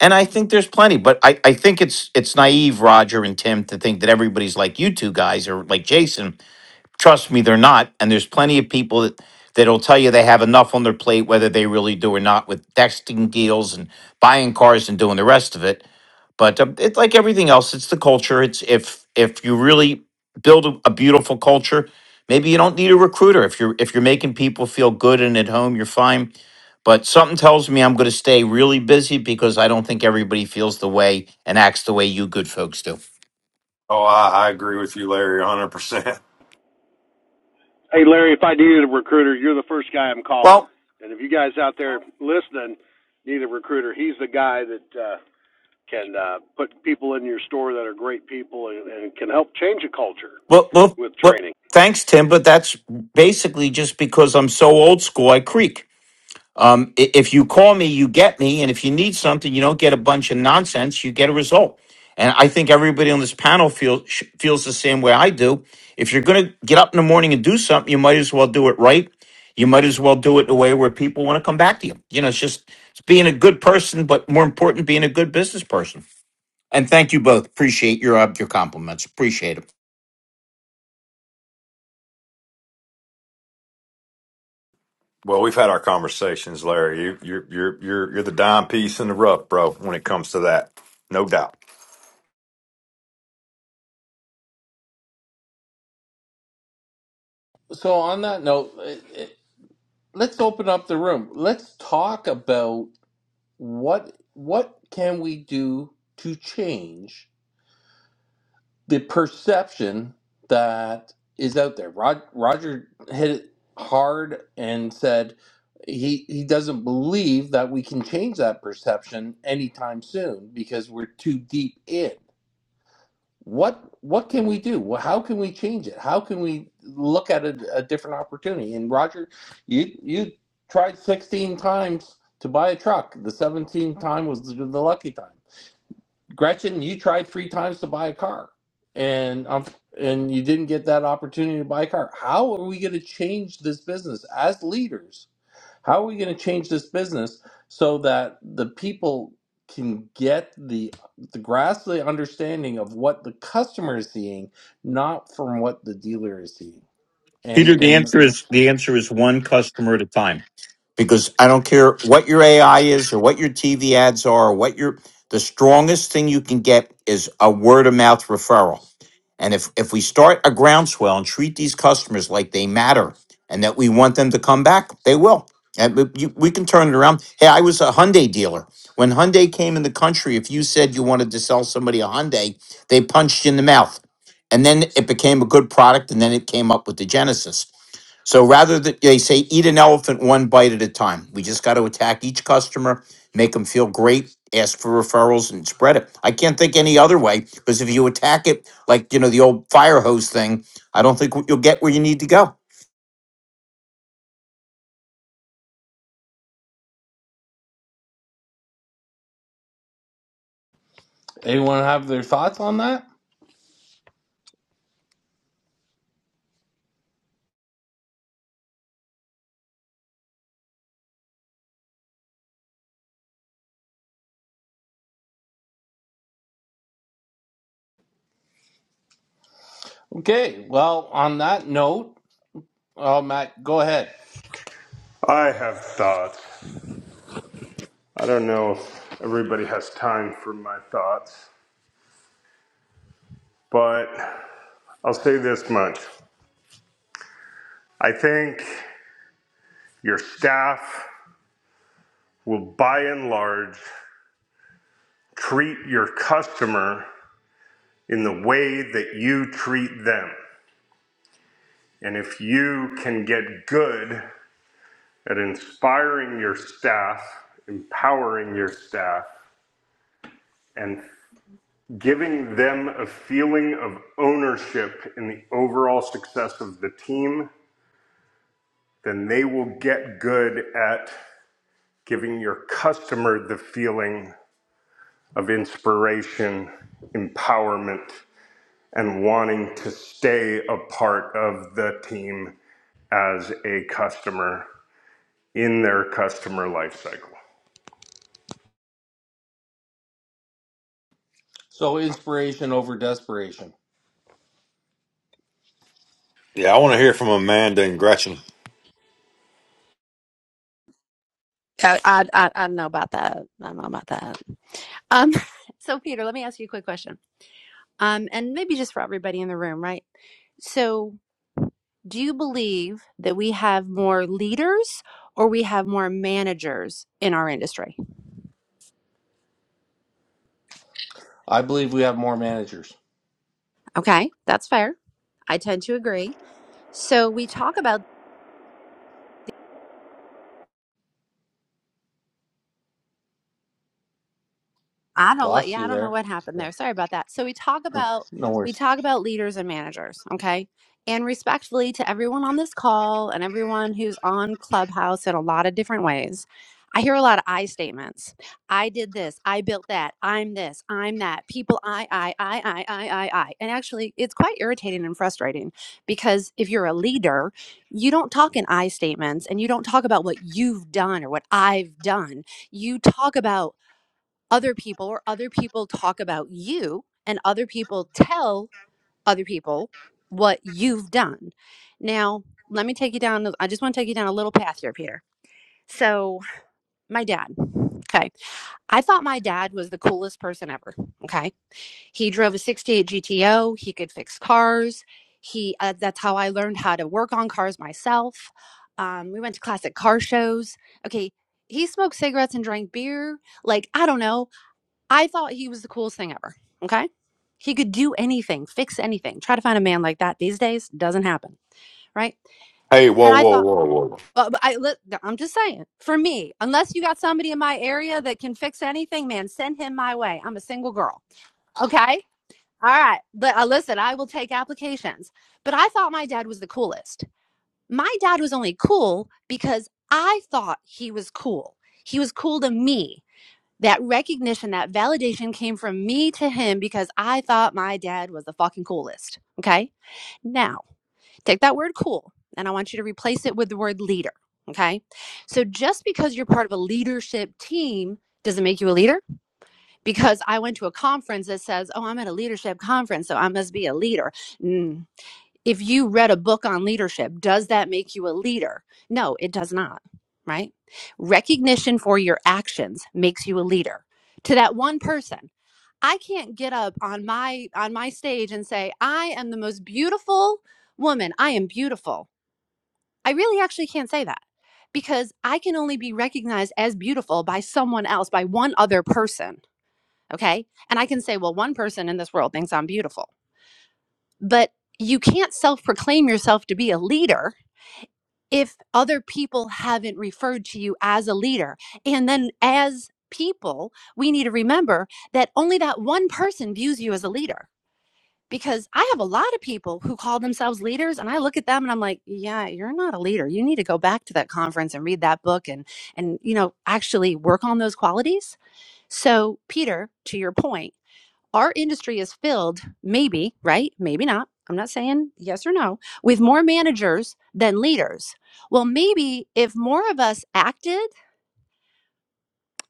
F: And I think there's plenty, but I, I think it's it's naive, Roger and Tim, to think that everybody's like you two guys or like Jason. Trust me, they're not. And there's plenty of people that, that'll tell you they have enough on their plate, whether they really do or not, with texting deals and buying cars and doing the rest of it but um, it's like everything else it's the culture it's if if you really build a, a beautiful culture maybe you don't need a recruiter if you're if you're making people feel good and at home you're fine but something tells me i'm going to stay really busy because i don't think everybody feels the way and acts the way you good folks do
C: Hey, Larry, if I needed a recruiter, you're the first guy I'm calling.
F: well
C: And if you guys out there listening need a recruiter, he's the guy that. Uh, can uh, put people in your store that are great people and, and can help change a culture
F: well well,
C: with
F: well
C: training.
F: thanks tim but that's basically just because i'm so old school i creak Um, i- if you call me, you get me. And if you need something, you don't get a bunch of nonsense, you get a result. And I think everybody on this panel feel, sh- feels the same way I do. If you're going to get up in the morning and do something, you might as well do it right. You might as well do it in a way where people want to come back to you. You know, it's just it's being a good person, but more important, being a good business person. And thank you both. Appreciate your uh, your compliments. Appreciate it.
A: So on that note, it, it, let's open up the room. Let's talk about what what can we do to change the perception that is out there. Rod, Roger hit it hard and said he he doesn't believe that we can change that perception anytime soon because we're too deep in. What what can we do? Well, How can we change it? How can we look at a, a different opportunity? And Roger, you you tried 16 times to buy a truck. The 17th time was the, the lucky time. Gretchen, you tried three times to buy a car, and um, and you didn't get that opportunity to buy a car. How are we going to change this business as leaders? How are we going to change this business so that the people can get the the grasp of the understanding of what the customer is seeing, not from what the dealer is seeing?
F: Peter,
A: And
F: the
A: and
F: answer is the answer is one customer at a time. because I don't care what your AI is or what your TV ads are or what your the strongest thing you can get is a word of mouth referral. And if if we start a groundswell and treat these customers like they matter and that we want them to come back, they will. And we you- we can turn it around. Hey, I was a Hyundai dealer. When Hyundai came in the country, if you said you wanted to sell somebody a Hyundai, they punched you in the mouth. And then it became a good product, and then it came up with the Genesis. So rather that they say eat an elephant one bite at a time. We just got to attack each customer, make them feel great, ask for referrals, and spread it. I can't think any other way because if you attack it like you know the old fire hose thing i don't think you'll get where you need to go
A: anyone have their thoughts on that? Okay, well, on that note, uh, Matt, go ahead.
G: I have thoughts. I don't know if everybody has time for my thoughts, but I'll say this much. I think your staff will, by and large, treat your customer in the way that you treat them. And if you can get good at inspiring your staff, empowering your staff, and giving them a feeling of ownership in the overall success of the team then they will get good at giving your customer the feeling of inspiration, empowerment, and wanting to stay a part of the team as a customer in their customer lifecycle.
A: So inspiration over desperation.
H: I, I I I don't know about that. I don't know about that. Um, so Peter, let me ask you a quick question. Um, and maybe just for everybody in the room, right? So, do you believe that we have more leaders or we have more managers in our industry?
A: I believe we have more managers.
H: Okay, that's fair. I tend to agree. So we talk about I don't let
A: Lost
H: yeah, I
A: you
H: don't know
A: there.
H: what happened
A: Yeah.
H: there. Sorry about that. So we talk about
A: No
H: we
A: worries.
H: talk about leaders and managers, okay? And respectfully to everyone on this call and everyone who's on Clubhouse in a lot of different ways. I hear a lot of I statements. I did this, I built that, I'm this, I'm that. People I I I I I I I. And actually it's quite irritating and frustrating because if you're a leader, you don't talk in I statements and you don't talk about what you've done or what I've done you talk about other people or other people talk about you and other people tell other people what you've done. Now, let me take you down. I just want to take you down a little path here, Peter. So, my dad. Okay. I thought my dad was the coolest person ever. Okay. He drove a 68 GTO. He could fix cars. He, uh, that's how I learned how to work on cars myself. Um, we went to classic car shows. Okay. He smoked cigarettes and drank beer like I don't know I thought he was the coolest thing ever. Okay. He could do anything, fix anything. Try to find a man like that these days doesn't happen. Right. And I thought, but, I, I'm just saying, for me, unless you got somebody in my area that can fix anything, man, send him my way. I'm a single girl. Okay. All right. But uh, listen, I will take applications. But I thought my dad was the coolest. My dad was only cool because I thought he was cool. He was cool to me that recognition, that validation came from me to him because I thought my dad was the fucking coolest. Okay. Now take that word cool and I want you to replace it with the word leader. Okay. So just because you're part of a leadership team doesn't make you a leader because I went to a conference that says, oh, I'm at a leadership conference, so I must be a leader if you read a book on leadership, does that make you a leader? No, it does not, right? Recognition for your actions makes you a leader. To that one person, I can't get up on my on my stage and say, "I am the most beautiful woman. I am beautiful." I really actually can't say that because I can only be recognized as beautiful by someone else, by one other person, okay? And I can say, "Well, one person in this world thinks I'm beautiful." But you can't self proclaim yourself to be a leader if other people haven't referred to you as a leader. And then as people, we need to remember that only that one person views you as a leader. Because I have a lot of people who call themselves leaders and I look at them and I'm like, yeah, you're not a leader. You need to go back to that conference and read that book and and you know, actually work on those qualities. So, Peter, to your point, our industry is filled, maybe, right? Maybe not. I'm not saying yes or no, with more managers than leaders. Well, maybe if more of us acted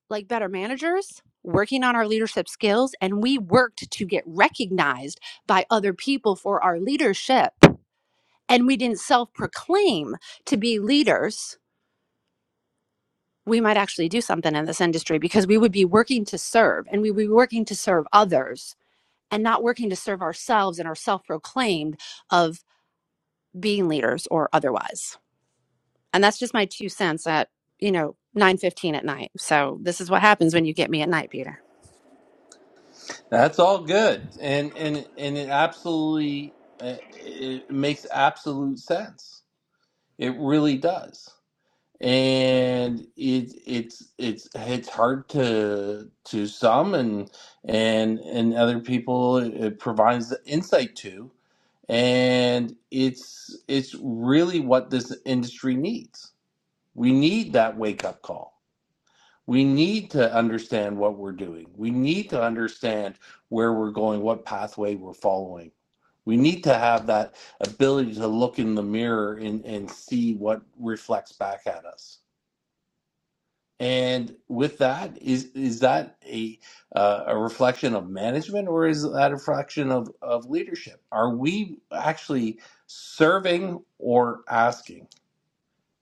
H: like better managers, working on our leadership skills, and we worked to get recognized by other people for our leadership, and we didn't self proclaim to be leaders, we might actually do something in this industry because we would be working to serve and we would be working to serve others and not working to serve ourselves and our self proclaimed of being leaders or otherwise. And that's just my two cents at, you know, 9:15 at night. So this is what happens when you get me at night, Peter.
A: That's all good, and and and it absolutely uh, it makes absolute sense. It really does, and it it's it's it's hard to to some, and and and other people it provides the insight to, and it's it's really what this industry needs. We need that wake up call we need to understand what we're doing. We need to understand where we're going, what pathway we're following. We need to have that ability to look in the mirror and, and see what reflects back at us. And with that, is is that a uh, a reflection of management or is that a reflection of, of leadership? Are we actually serving or asking?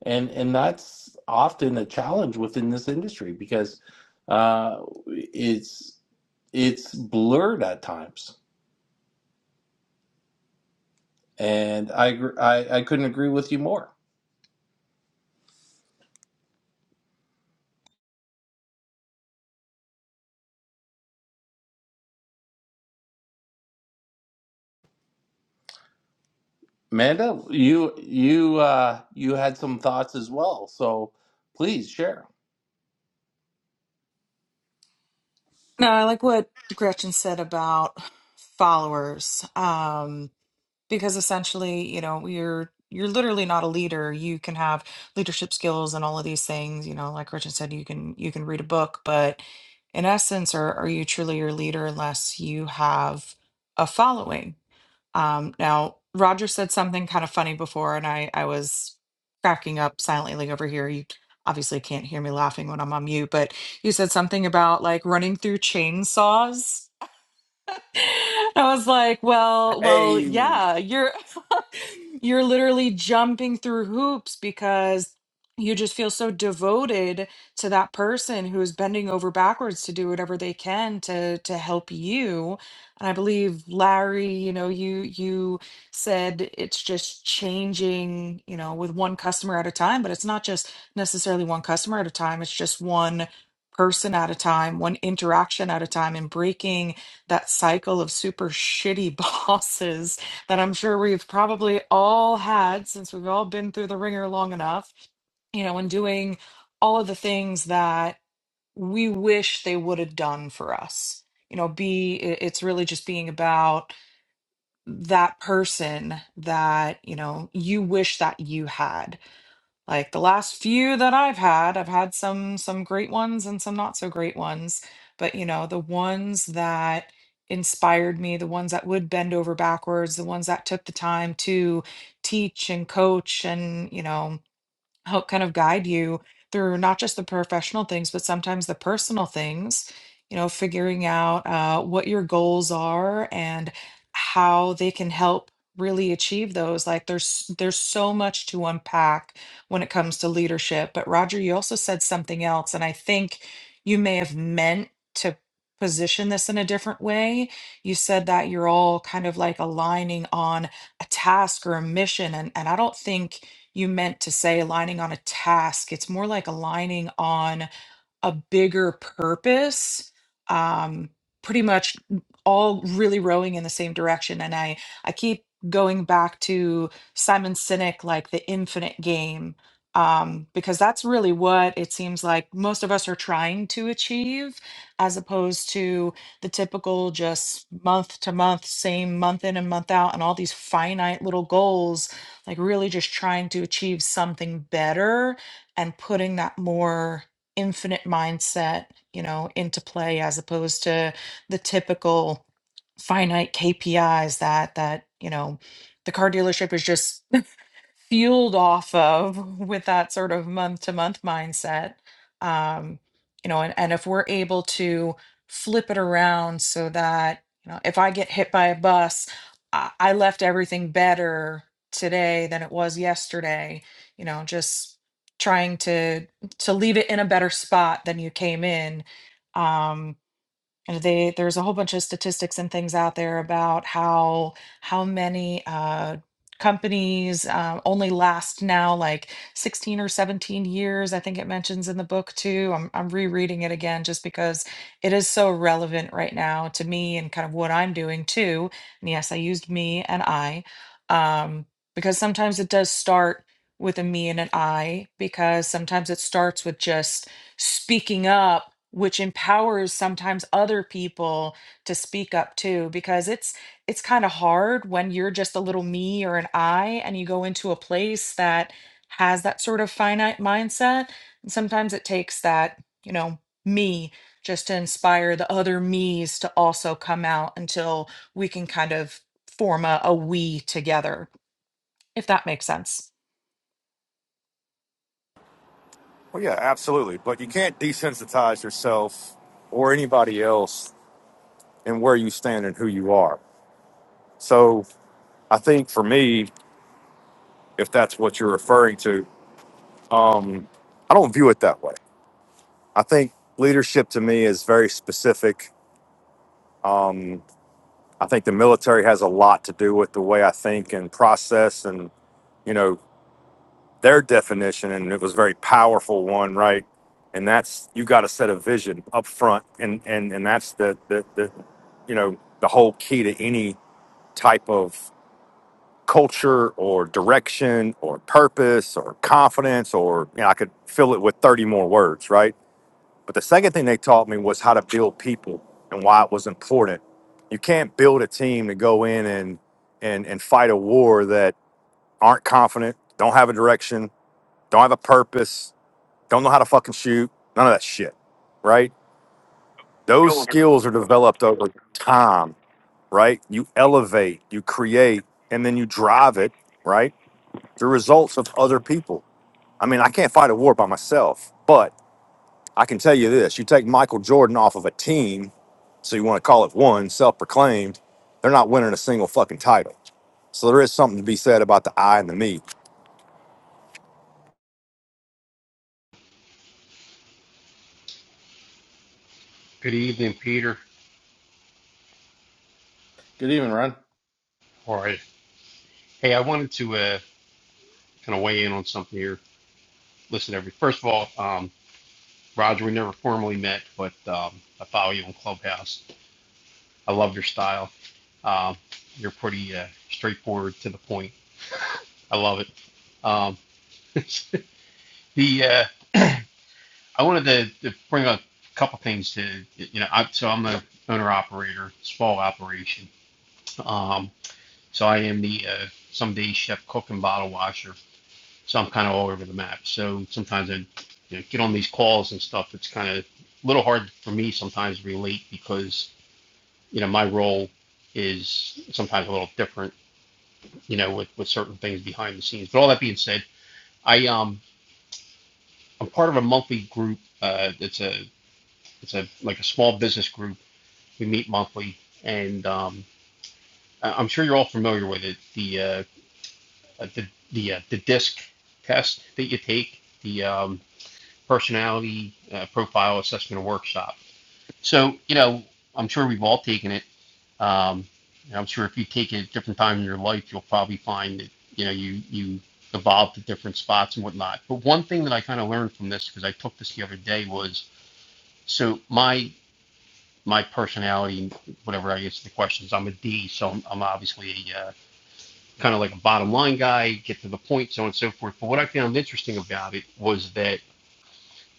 A: and and that's often a challenge within this industry because uh, it's it's blurred at times. And I, agr- I I couldn't agree with you more, Amanda. You you uh, you had some thoughts as well, so please share.
I: No, I like what Gretchen said about followers, um, because essentially, you know, you're you're literally not a leader. You can have leadership skills and all of these things. You know, like Gretchen said, you can you can read a book, but in essence, are are you truly your leader unless you have a following? Um, now, Roger said something kind of funny before, and I, I was cracking up silently like, over here. You obviously can't hear me laughing when I'm on mute, but you said something about like running through chainsaws. I was like, well, well,
E: Hey.
I: yeah, you're you're literally jumping through hoops because you just feel so devoted to that person who is bending over backwards to do whatever they can to to help you. And I believe Larry, you know, you you said it's just changing, you know, with one customer at a time, but it's not just necessarily one customer at a time, it's just one person at a time, one interaction at a time and breaking that cycle of super shitty bosses that I'm sure we've probably all had since we've all been through the ringer long enough, you know, and doing all of the things that we wish they would have done for us. You know, be it- it's really just being about that person that, you know, you wish that you had like the last few that I've had, I've had some some great ones and some not so great ones, but you know, the ones that inspired me, the ones that would bend over backwards, the ones that took the time to teach and coach and, you know, help kind of guide you through not just the professional things, but sometimes the personal things, you know, figuring out uh, what your goals are and how they can help really achieve those. Like there's there's so much to unpack when it comes to leadership. But Roger, you also said something else, and I think you may have meant to position this in a different way. You said that you're all kind of like aligning on a task or a mission. And and I don't think you meant to say aligning on a task. It's more like aligning on a bigger purpose um pretty much all really rowing in the same direction and i i keep going back to simon sinek like the infinite game um because that's really what it seems like most of us are trying to achieve as opposed to the typical just month to month same month in and month out and all these finite little goals like really just trying to achieve something better and putting that more infinite mindset, you know, into play as opposed to the typical finite KPIs that that, you know, the car dealership is just fueled off of with that sort of month to month mindset. Um, you know, and, and if we're able to flip it around so that, you know, if I get hit by a bus, I, I left everything better today than it was yesterday, you know, just trying to to leave it in a better spot than you came in. Um, and they there's a whole bunch of statistics and things out there about how how many uh, companies uh, only last now like 16 or 17 years. I think it mentions in the book too. I'm I'm rereading it again just because it is so relevant right now to me and kind of what I'm doing too. And yes, I used me and I um, because sometimes it does start with a me and an I because sometimes it starts with just speaking up which empowers sometimes other people to speak up too because it's it's kind of hard when you're just a little me or an i and you go into a place that has that sort of finite mindset and sometimes it takes that you know me just to inspire the other me's to also come out until we can kind of form a, a we together if that makes sense.
E: Um, I think the military has a lot to do with the way I think and process and, you know, their definition. And it was a very powerful one, right? And that's, you got to set a vision up front. And, and, and that's the, the, the, you know, the whole key to any type of culture or direction or purpose or confidence or, you know, I could fill it with 30 more words, right? But the second thing they taught me was how to build people and why it was important. You can't build a team to go in and and and fight a war that aren't confident, don't have a direction, don't have a purpose, don't know how to fucking shoot, of that shit, right? Those skills are developed over time, right? You elevate, you create, and then you drive it, right? results of other people. mean,
J: Good evening, Peter.
A: Good evening, Ron.
J: All right. Hey, I wanted to uh, kind of weigh in on something here. Listen, every first of all, um, Roger, we never formally met, but um, I follow you on Clubhouse. I love your style. Um, you're pretty uh, straightforward to the point. I love it. Um, the uh, I wanted to, to bring up a couple things to you know. I, so I'm the owner operator, small operation. Um, so I am the uh, someday chef, cook, and bottle washer so I'm kind of all over the map. So sometimes I you know, get on these calls and stuff. It's kind of a little hard for me sometimes to relate because you know my role is sometimes a little different. You know, with with certain things behind the scenes. But all that being said, I um I'm part of a monthly group. Uh, it's a it's a like a small business group. We meet monthly, and um, I- am sure you're all familiar with it. The uh, uh, the the uh, the disc test that you take. The um, personality uh, profile assessment workshop. So, you know, I'm sure we've all taken it. Um, and I'm sure if you take it at different times in your life, you'll probably find that, you know, you, you evolve to different spots and whatnot. But one thing that I kind of learned from this, because I took this the other day, was so my my personality, whatever I answer the questions, I'm a D, so I'm, I'm obviously a uh, kind of like a bottom line guy, get to the point, so on and so forth. But what I found interesting about it was that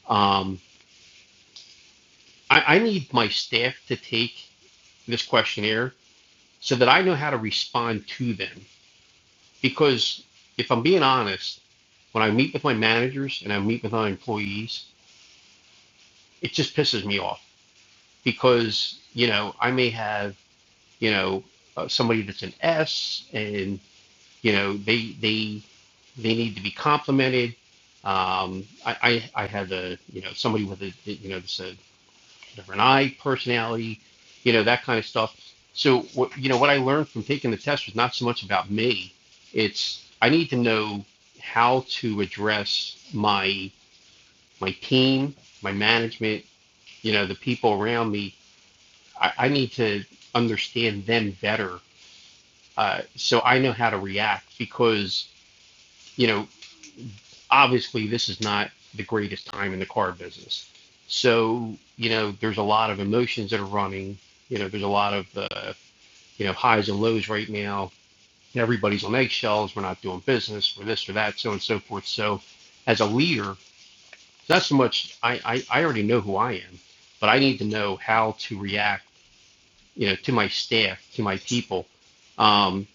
J: um, I, I need my staff to take this questionnaire so that I know how to respond to them. Because if I'm being honest, when I meet with my managers and I meet with my employees, it just pisses me off because, you know, I may have, you know, uh, somebody that's an S and, you know, they, they, they need to be complimented. Um, I, I, I had a, you know, somebody with a, you know, this, uh, different eye personality, you know, that kind of stuff. So what you know, what I learned from taking the test was not so much about me. It's I need to know how to address my my team, my management, you know, the people around me. I, I need to understand them better uh, so I know how to react because you know obviously this is not the greatest time in the car business. So you know there's a lot of emotions that are running. You know there's a lot of uh, you know, highs and lows right now. Everybody's on eggshells. We're not doing business. We're this or that, so on and so forth. So, as a leader, not so much. I, I I already know who I am, but I need to know how to react. You know, to my staff, to my people, Um,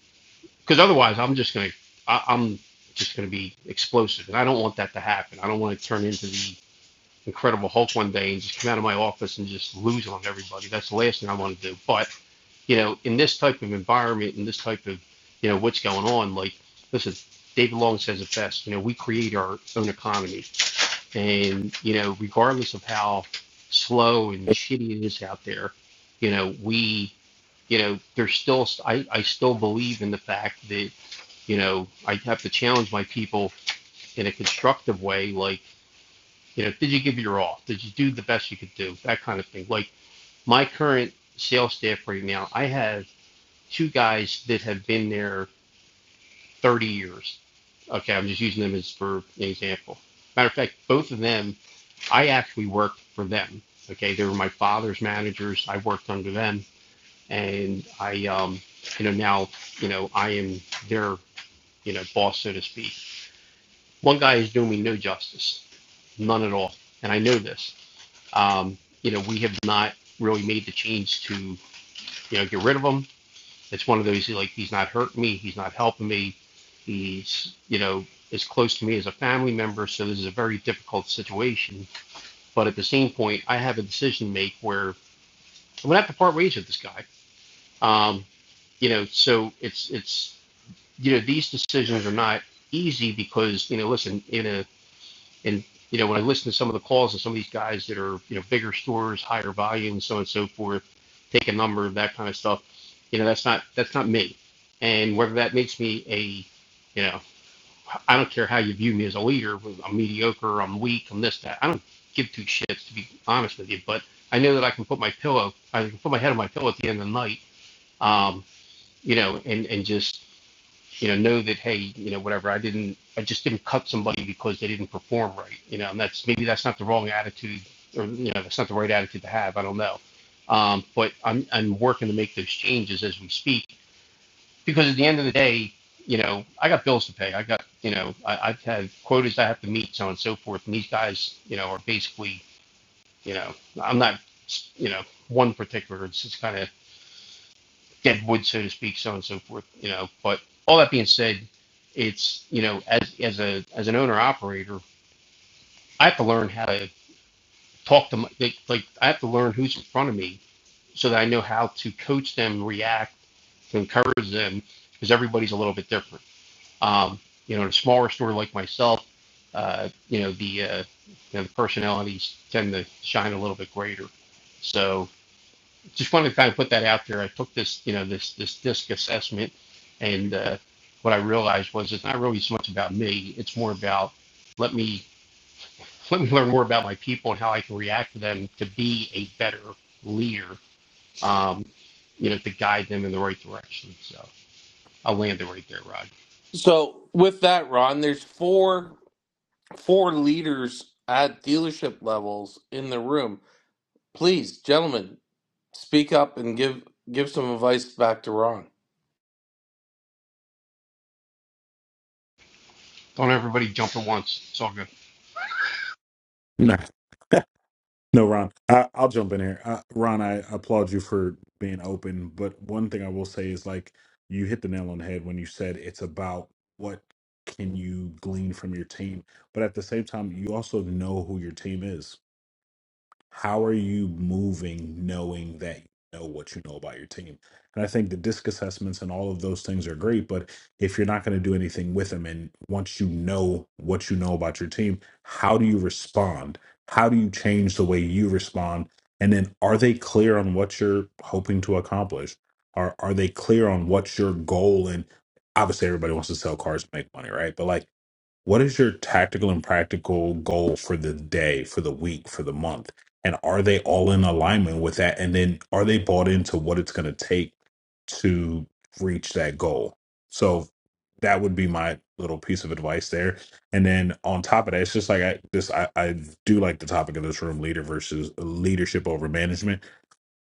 J: because otherwise, I'm just gonna I, I'm just going to i am just going to be explosive, and I don't want that to happen. I don't want to turn into the Incredible Hulk one day and just come out of my office and just lose on everybody. That's the last thing I want to do. But you know, in this type of environment, in this type of, you know, what's going on, like, listen, David Long says it best, you know, we create our own economy. And, you know, regardless of how slow and shitty it is out there, you know, we, you know, there's still, I, I still believe in the fact that, you know, I have to challenge my people in a constructive way, like, you know, did you give your all? Did you do the best you could do? That kind of thing. Like, my current sales staff right now, I have two guys that have been there 30 years. Okay, I'm just using them as for an example. Matter of fact, both of them, I actually worked for them. Okay, they were my father's managers. I worked under them, and I, um, you know, now, you know, I am their, you know, boss, so to speak. One guy is doing me no justice, none at all, and I know this. Um, you know, we have not really made the change to, you know, get rid of them It's one of those like he's not hurting me, he's not helping me, he's you know as close to me as a family member. So this is a very difficult situation. But at the same point, I have a decision to make where I'm gonna have to part ways with this guy. Um, you know, so it's it's you know these decisions are not easy because you know listen in a and you know, when I listen to some of the calls of some of these guys that are you know bigger stores, higher volume, so on and so forth, take a number, that kind of stuff. You know, that's not that's not me. And whether that makes me a, you know, I don't care how you view me as a leader. I'm mediocre. I'm weak. I'm this that. I don't give two shits to be honest with you. But I know that I can put my pillow, I can put my head on my pillow at the end of the night. Um, you know, and and just you know, know that hey, you know, whatever, I didn't, I just didn't cut somebody because they didn't perform right, you know, and that's maybe that's not the wrong attitude, or you know, that's not the right attitude to have. I don't know, um, but I'm I'm working to make those changes as we speak because at the end of the day, you know, I got bills to pay. I got, you know, I, I've had quotas I have to meet, so on and so forth. And these guys, you know, are basically, you know, I'm not, you know, one particular. It's just kind of dead wood, so to speak, so on and so forth. You know, but all that being said, it's you know, as as a as an owner operator, I have to learn how to talk to my, like, like I have to learn who's in front of me so that I know how to coach them, react, to encourage them, because everybody's a little bit different. Um, you know, in a smaller store like myself, uh, you know the uh, you know the personalities tend to shine a little bit greater. So just wanted to kind of put that out there. I took this, you know, this this disc assessment, and uh, what I realized was it's not really so much about me. It's more about let me let me learn more about my people and how I can react to them to be a better leader. Um, you know, to guide them in the right direction. So I landed right there, Rod.
A: So with that, Ron, there's four four leaders at dealership levels in the room. Please, gentlemen, Speak up and give give some advice back to Ron.
J: Don't everybody jump at once. It's all good.
K: Nah. no, Ron, I, I'll jump in here. Uh, Ron, I applaud you for being open, but one thing I will say is like you hit the nail on the head when you said it's about what can you glean from your team, but at the same time, you also know who your team is. How are you moving knowing that you know what you know about your team? And I think the disc assessments and all of those things are great, but if you're not going to do anything with them, and once you know what you know about your team, how do you respond? How do you change the way you respond? And then are they clear on what you're hoping to accomplish? Are are they clear on what's your goal and obviously everybody wants to sell cars to make money, right? But like what is your tactical and practical goal for the day, for the week, for the month? And are they all in alignment with that? And then are they bought into what it's going to take to reach that goal? So that would be my little piece of advice there. And then on top of that, it's just like I this I, I do like the topic of this room, leader versus leadership over management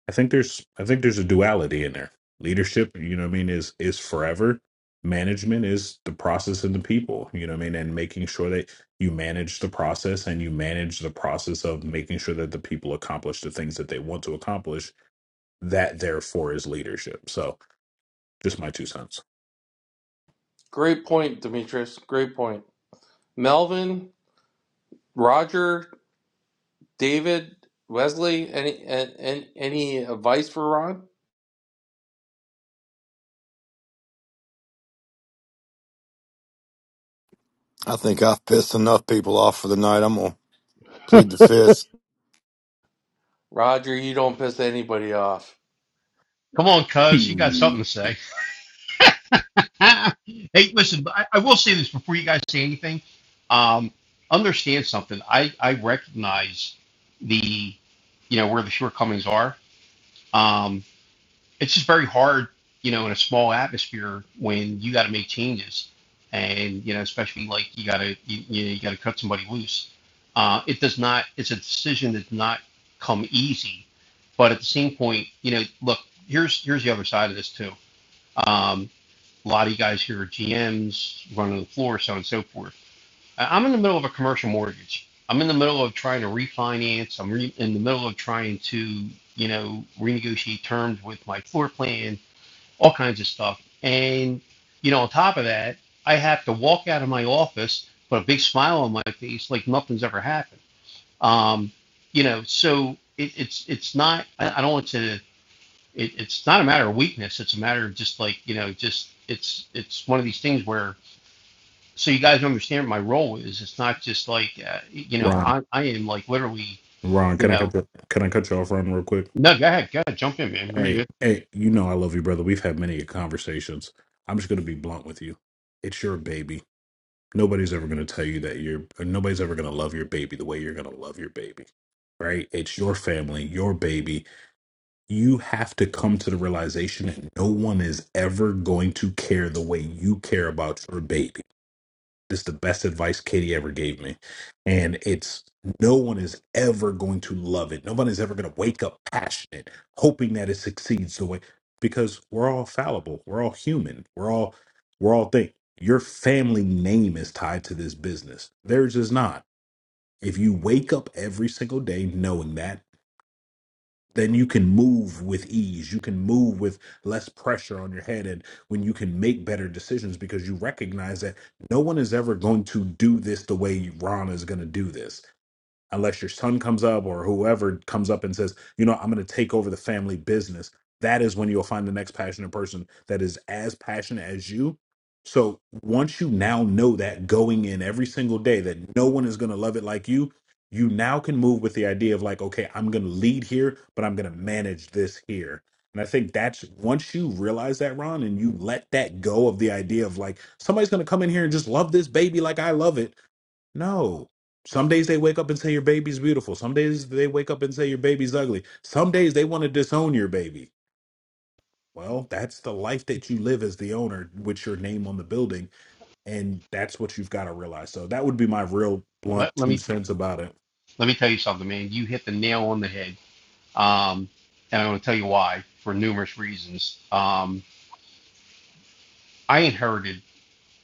K: I think there's I think there's a duality in there. Leadership, you know what I mean, is is forever. Management is the process and the people, you know what I mean, and making sure that you manage the process and you manage the process of making sure that the people accomplish the things that they want to accomplish. That therefore is leadership. So just my two cents.
A: Great point, Demetrius. Great point. Melvin, Roger, David, Wesley, any and, and any advice for Ron? Roger, you don't piss anybody off.
J: Come on, cuz, you got
K: Hmm.
J: something to say. hey, listen, I, I will say this before you guys say anything. Um, understand something. I, I recognize the, you know, where the shortcomings are. Um, it's just very hard, you know, in a small atmosphere when you got to make changes and, you know, especially like you got to, you, you, know, you got to cut somebody loose. Uh, it does not, it's a decision that's not come easy. But at the same point, you know, look, here's, here's the other side of this too. Um, a lot of you guys here are GMs running the floor, so on and so forth. I- I'm in the middle of a commercial mortgage. I'm in the middle of trying to refinance. I'm re- in the middle of trying to, you know, renegotiate terms with my floor plan, all kinds of stuff. And, you know, on top of that, I have to walk out of my office, with a big smile on my face, like nothing's ever happened. Um, you know, so it, it's it's not. I, I don't want to it, it's not a matter of weakness. It's a matter of just like you know, just it's it's one of these things where so you guys understand what my role is. It's not just like uh, you know,
K: Ron,
J: I I am like literally
K: Ron,
J: you
K: can I
J: know,
K: cut the, can I cut you off, Ron, real quick?
J: no, go ahead, go ahead, jump in, man. You're
K: Hey,
J: good.
K: hey, you know I love you, brother. We've had many conversations. I'm just gonna be blunt with you. It's your baby Nobody's ever going to tell you that you're, or nobody's ever going to love your baby the way you're going to love your baby, right? It's your family, your baby. You have to come to the realization that no one is ever going to care the way you care about your baby it's the best advice Katie ever gave me. And it's no one is ever going to love it. Nobody's ever going to wake up passionate, hoping that it succeeds the way because we're all fallible. We're all human. We're all we're all things. Your family name is tied to this business. Theirs is not. If you wake up every single day knowing that then you can move with ease. You can move with less pressure on your head. And when you can make better decisions because you recognize that no one is ever going to do this the way Ron is going to do this unless your son comes up or whoever comes up and says, you know, I'm going to take over the family business, that is when you'll find the next passionate person that is as passionate as you. So once you now know that going in every single day that no one is going to love it like you, you now can move with the idea of like, okay, I'm going to lead here, but I'm going to manage this here. And I think that's once you realize that, Ron, and you let that go of the idea of like, somebody's going to come in here and just love this baby like I love it no. Some days they wake up and say your baby's beautiful. Some days they wake up and say your baby's ugly. Some days they want to disown your baby. Well, that's the life that you live as the owner with your name on the building. And that's what you've got to realize. So that would be my real blunt
J: Let let
K: two
J: me
K: cents about it.
J: let me tell you something, man. You hit the nail on the head. Um, and I'm going to tell you why for numerous reasons. Um, I inherited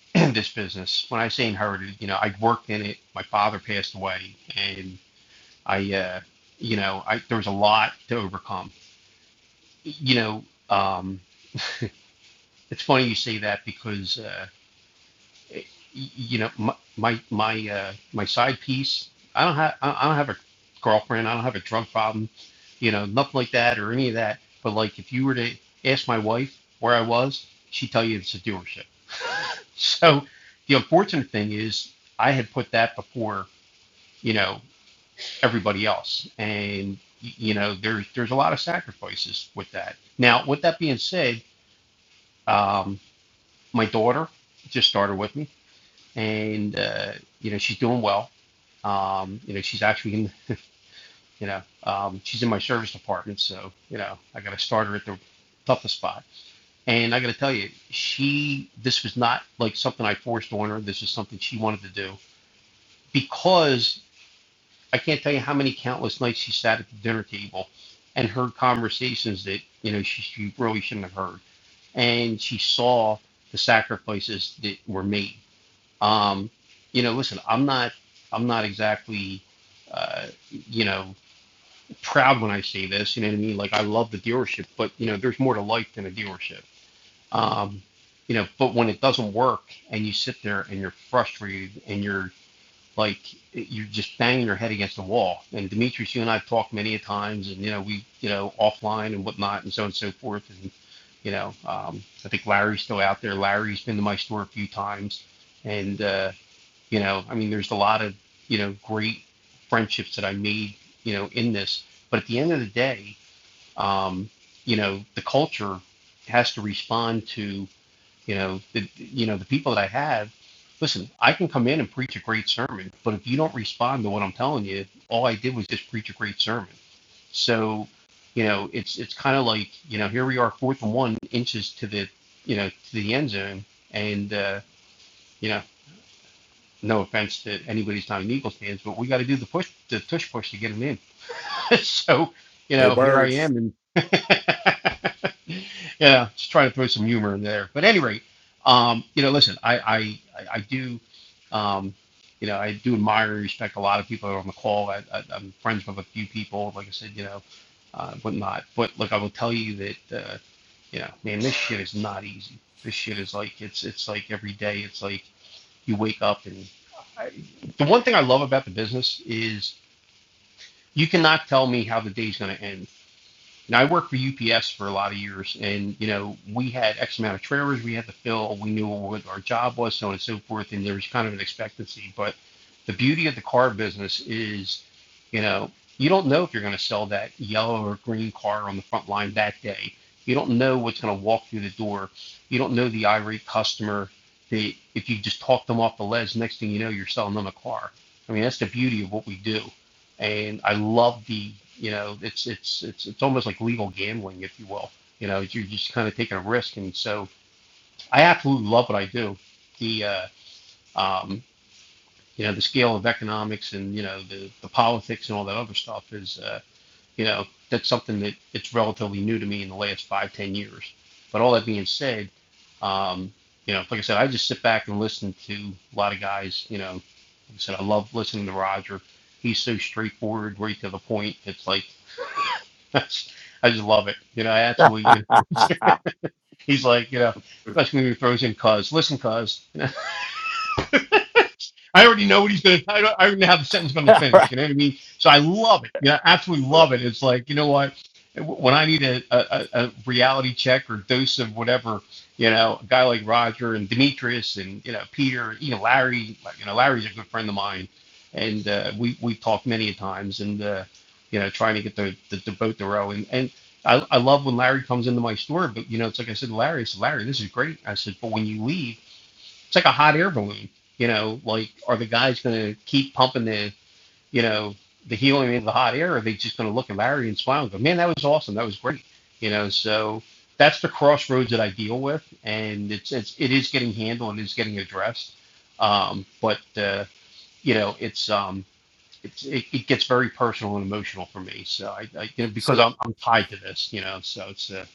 J: this business. When I say inherited, you know, I worked in it. My father passed away, and I, uh, you know, I there was a lot to overcome you know, um, it's funny you say that because uh, you know my my my, uh, my side piece. I don't have I don't have a girlfriend. I don't have a drug problem. You know, nothing like that or any of that. But like, if you were to ask my wife where I was, she'd tell you it's a dealership. So the unfortunate thing is, I had put that before you know everybody else, and y- you know, there's there's a lot of sacrifices with that. Now, with that being said. um, my daughter just started with me, and uh, you know she's doing well. Um, you know she's actually in you know um, she's in my service department, so you know I got to start her at the toughest spot. And I got to tell you, she this was not like something I forced on her. This is something she wanted to do because I can't tell you how many countless nights she sat at the dinner table and heard conversations that you know she, she really shouldn't have heard, and she saw the sacrifices that were made Um, you know, listen, I'm not, I'm not exactly, uh, you know, proud when I say this. You know what I mean? Like, I love the dealership, but you know, there's more to life than a dealership. Um, you know, but when it doesn't work and you sit there and you're frustrated and you're like, you're just banging your head against the wall. And Demetrius, you and I've talked many a times, and you know, we, you know, offline and whatnot, and so on and so forth. And you know, um, I think Larry's still out there. Larry's been to my store a few times, and uh, you know, I mean, there's a lot of, you know, great friendships that I made, you know, in this. But at the end of the day, um, you know, the culture has to respond to, you know, the, you know, the people that I have. Listen, I can come in and preach a great sermon, but if you don't respond to what I'm telling you, all I did was just preach a great sermon. So, you know, it's it's kind of like you know here we are fourth and one inches to the you know to the end zone, and uh, you know no offense to anybody who's not an Eagles fans, but we got to do the push, the tush push to get him in. so, you
K: Go
J: know, here I
K: birds.
J: am, and yeah, just trying to throw some humor in there. But anyway, um, you know, listen, I I I I do, um, you know, I do admire and respect a lot of people that are on the call. I, I, I'm friends with a few people, like I said, you know, uh, whatnot. But look, I will tell you that. Uh, you know, man, this shit is not easy. This shit is like it's it's like every day. It's like you wake up and I, the one thing I love about the business is you cannot tell me how the day's going to end. Now I worked for UPS for a lot of years, and you know we had X amount of trailers we had to fill. We knew what our job was, so on and so forth, and there was kind of an expectancy. But the beauty of the car business is, you know, you don't know if you're going to sell that yellow or green car on the front line that day. You don't know what's going to walk through the door. You don't know the irate customer. The if you just talk them off the ledge, next thing you know, you're selling them a car. I mean, that's the beauty of what we do and I love the you know it's it's it's it's almost like legal gambling, if you will. You know, you're just kind of taking a risk, and so I absolutely love what I do. The uh, um, you know the scale of economics and you know the the politics and all that other stuff is uh, you know that's something that it's relatively new to me in the last five ten years. But all that being said, um, you know, like I said, I just sit back and listen to a lot of guys. You know, like I said, I love listening to Roger. He's so straightforward, right to the point. It's like That's, I just love it. You know, I
E: I
J: absolutely. You know, he's like, you know, especially when he throws in cause. Listen, cause. I already know what he's going to. I already know how the sentence is going to
E: All
J: finish.
E: right.
J: You know what I mean? So I love it. Yeah, you know, absolutely love it. It's like you know what? When I need a, a, a reality check or dose of whatever, you know, a guy like Roger and Demetrius and you know Peter, you know Larry, you know Larry's a good friend of mine, and uh, we we talked many times and uh, you know trying to get the the, the boat to row and and. I, I love when Larry comes into my store, but you know, it's like I said, Larry, I said, Larry, this is great. I said, but when you leave, it's like a hot air balloon. You know, like are the guys going to keep pumping the you know the helium into the hot air? Or are they just going to look at Larry and smile and go, "Man, that was awesome. That was great." You know, so that's the crossroads that I deal with, and it's, it's it is getting handled and it's getting addressed. Um, but uh, you know, it's um, it's it, it gets very personal and emotional for me. So I, I you know, because
E: So
J: I'm I'm tied to this, you know. So it's uh,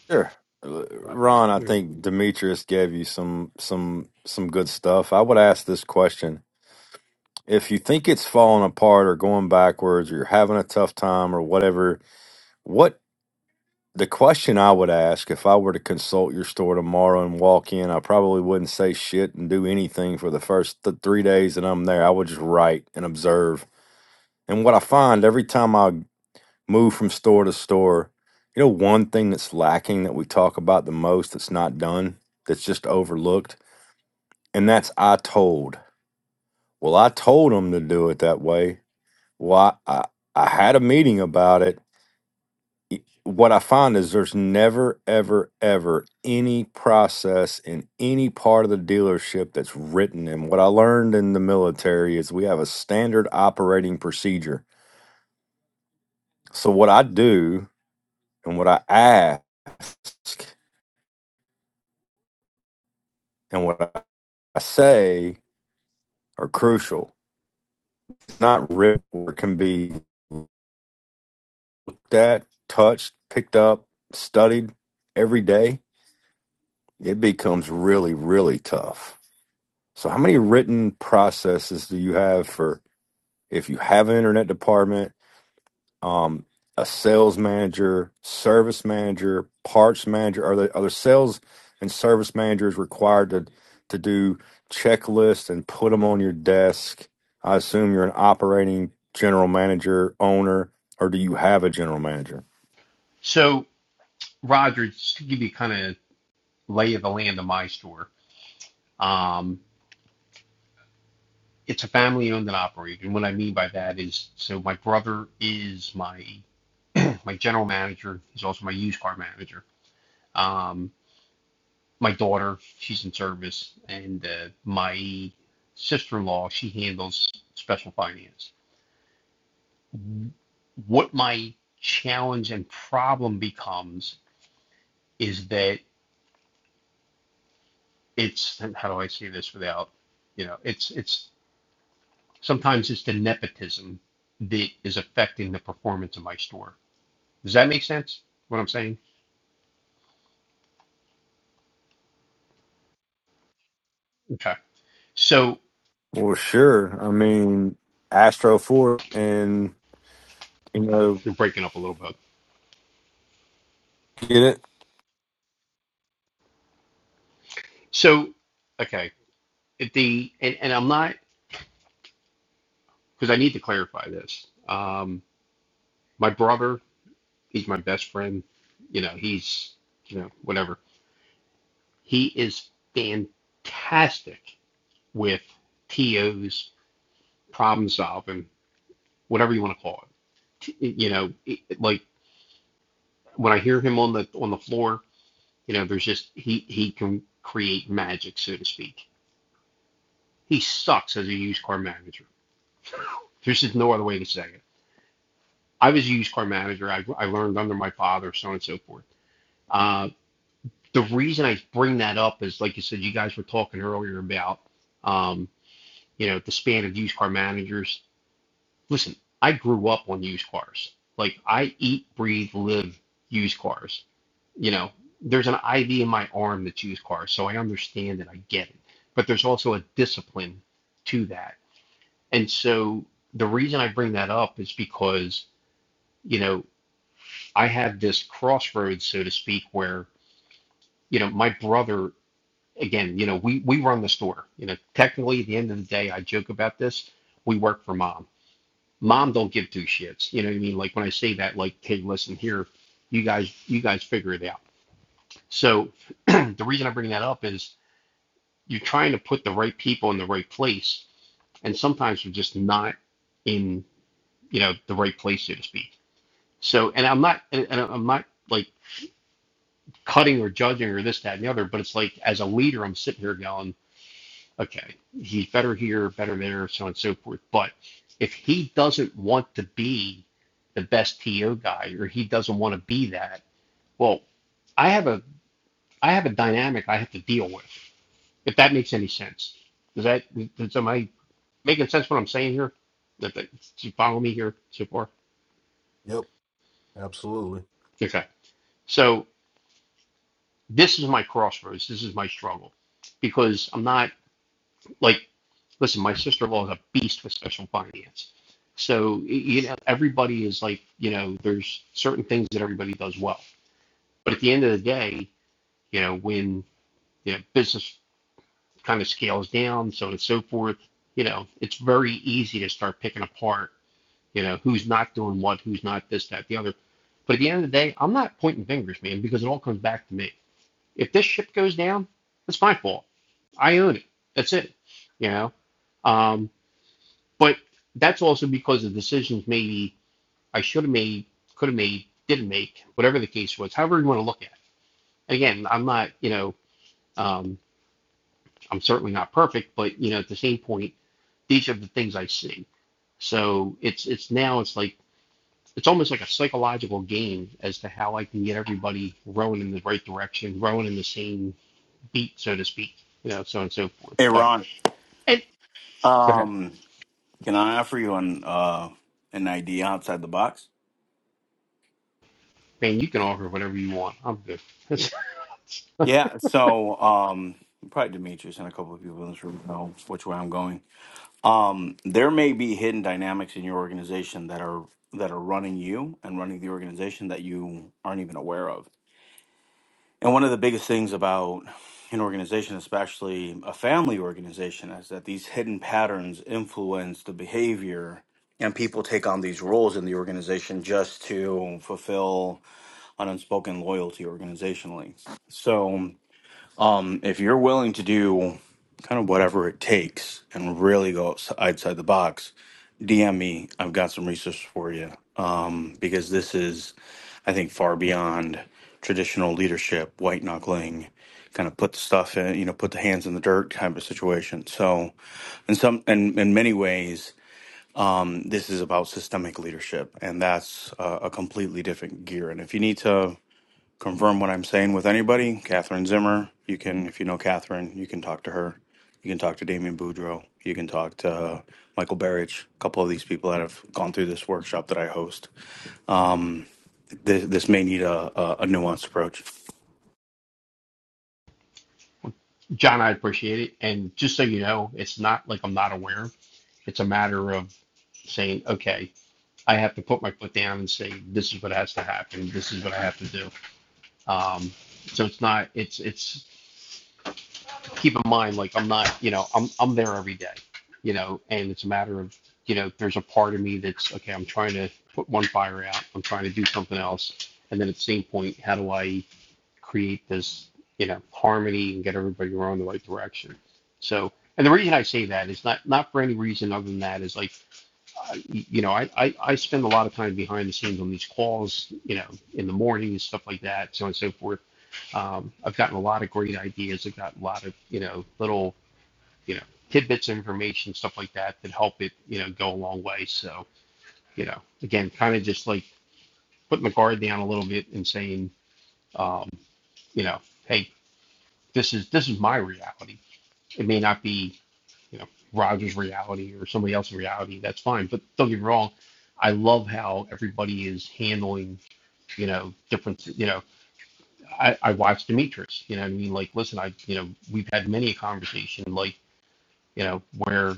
J: but, yeah.
E: i probably right and observe. And what I find every time I move from store to store, you know, one thing that's lacking that we talk about the most that's not done, that's just overlooked, and that's I told. Well, I told them to do it that way. Well, I, I, I had a meeting about it. Y- What I find is there's never, ever, ever any process in any part of the dealership that's written. And what I learned in the military is we have a standard operating procedure. So, what I do and what I ask and what I say are crucial. It's not written or can be looked at, touched, picked up, studied every day. It becomes really, really tough. So, how many written processes do you have for if you have an internet department? um, a sales manager, service manager, parts manager? Are the are the sales and service managers required to to do checklists and put them on your desk? I assume you're an operating general manager, owner, or do you have a general manager?
J: so Roger, just to give you kind of lay of the land of my story. Um, it's a family owned and operated. And what I mean by that is, so my brother is my my general manager. He's also my used car manager. Um, my daughter, she's in service, and uh, my sister in law, she handles special finance. What my challenge and problem becomes is that it's and how do I say this without, you know, it's it's sometimes it's the nepotism that is affecting the performance of my store Does that make sense? What I'm saying? Okay. So
E: Well, sure. I mean, Astro Ford and you know,
J: you're breaking up a little bit.
E: get it
J: So okay, the and, and I'm not because I need to clarify this. Um, my brother, he's my best friend. You know, he's you know whatever. He is fantastic with TOs, problem solving, whatever you want to call it. T- You know, it- like when I hear him on the on the floor, you know, there's just he he can create magic, so to speak He sucks as a used car manager. There's just no other way to say it. I was a used car manager. I, I learned under my father, so on and so forth. Uh, the reason I bring that up is, like you said, you guys were talking earlier about, um, you know, the span of used car managers. Listen, I grew up on used cars. Like I eat, breathe, live used cars. You know, there's an IV in my arm that's used cars, so I understand it. I get it. But there's also a discipline to that And so the reason I bring that up is because, you know, I have this crossroads, so to speak, where, you know, my brother, again, you know, we, we run the store. You know, technically at the end of the day, I joke about this, we work for mom. Mom don't give two shits. You know what I mean? Like when I say that, like, hey, listen here, you guys, you guys figure it out. So the reason I bring that up is you're trying to put the right people in the right place and sometimes we're just not in you know the right place so to speak So, and I'm not, and I'm not like cutting or judging or this, that, and the other, but it's like as a leader, I'm sitting here going, okay, he's better here, better there, so on and so forth. But if he doesn't want to be the best TO guy or he doesn't want to be that, well, I have a, I have a dynamic I have to deal with. If that makes any sense, does that, does, am I making sense what I'm saying here? That, that, do you follow me here so far?
K: Yep. absolutely.
J: Okay. So This is my crossroads. This is my struggle because I'm not like, listen, my sister in law is a beast with special finance. So, you know, everybody is like, you know, there's certain things that everybody does well. But at the end of the day, you know, when you know, business kind of scales down, so on and so forth, you know, it's very easy to start picking apart, you know, who's not doing what, who's not this, that, the other. But at the end of the day, I'm not pointing fingers, man, because it all comes back to me If this ship goes down, it's my fault. I own it. That's it. You know. Um, but that's also because of decisions maybe I should have made, could have made, didn't make, whatever the case was. However you want to look at it. Again, I'm not. You know. Um, I'm certainly not perfect, but you know, at the same point, these are the things I see. So it's it's now it's like it's almost like a psychological game as to how I can get everybody rowing in the right direction, rowing in the same beat, so to speak, you know, so on and so forth.
L: Hey
J: But
L: Ron,
J: And go ahead,
L: um, can I offer you an uh, an idea outside the box?
J: man. You can offer whatever you want. I'm good.
L: Yeah. So um, probably Demetrius and a couple of people in this room know which way I'm going. Um, there may be hidden dynamics in your organization that are that are running you and running the organization that you aren't even aware of. And one of the biggest things about an organization, especially a family organization, is that these hidden patterns influence the behavior and people take on these roles in the organization just to fulfill an unspoken loyalty organizationally. So if you're willing to do kind of whatever it takes and really go outs- outside the box, DM me. I've got some research for you because this is, I think, far beyond traditional leadership, white knuckling, kind of put the stuff in, you know, put the hands in the dirt kind of situation. So, in some, in, in many ways, this is about systemic leadership, and that's uh, a completely different gear. And if you need to confirm what I'm saying with anybody, Catherine Zimmer, you can, if you know Catherine, you can talk to her. You can talk to Damien Boudreau. You can talk to Michael Berich, a couple of these people that have gone through this workshop that I host. Um, this, this may need a, a, a nuanced approach.
J: John, I appreciate it. And just so you know, it's not like I'm not aware. It's a matter of saying, okay, I have to put my foot down and say, this is what has to happen. This is what I have to do. Um, so it's not. It's it's keep in mind, like I'm not. You know, I'm I'm there every day. You know, and it's a matter of you know, there's a part of me that's okay. I'm trying to put one fire out. I'm trying to do something else. And then at the same point, how do I? create this, you know, harmony and get everybody rowing in the right direction. So, and the reason I say that is not not for any reason other than that is like, uh, you know, I, I I spend a lot of time behind the scenes on these calls, you know, in the morning and stuff like that, so on and so forth. Um, I've gotten a lot of great ideas. I've got a lot of you know little you know tidbits of information, stuff like that, that help it you know go a long way. So you know, again, kind of just like putting the guard down a little bit and saying, um, you know, hey, this is this is my reality. It may not be you know Roger's reality or somebody else's reality. That's fine. But don't get me wrong. I love how everybody is handling you know different you know I, I watched Demetrius. You know what I mean? Like, listen, I you know we've had many a conversation like you know where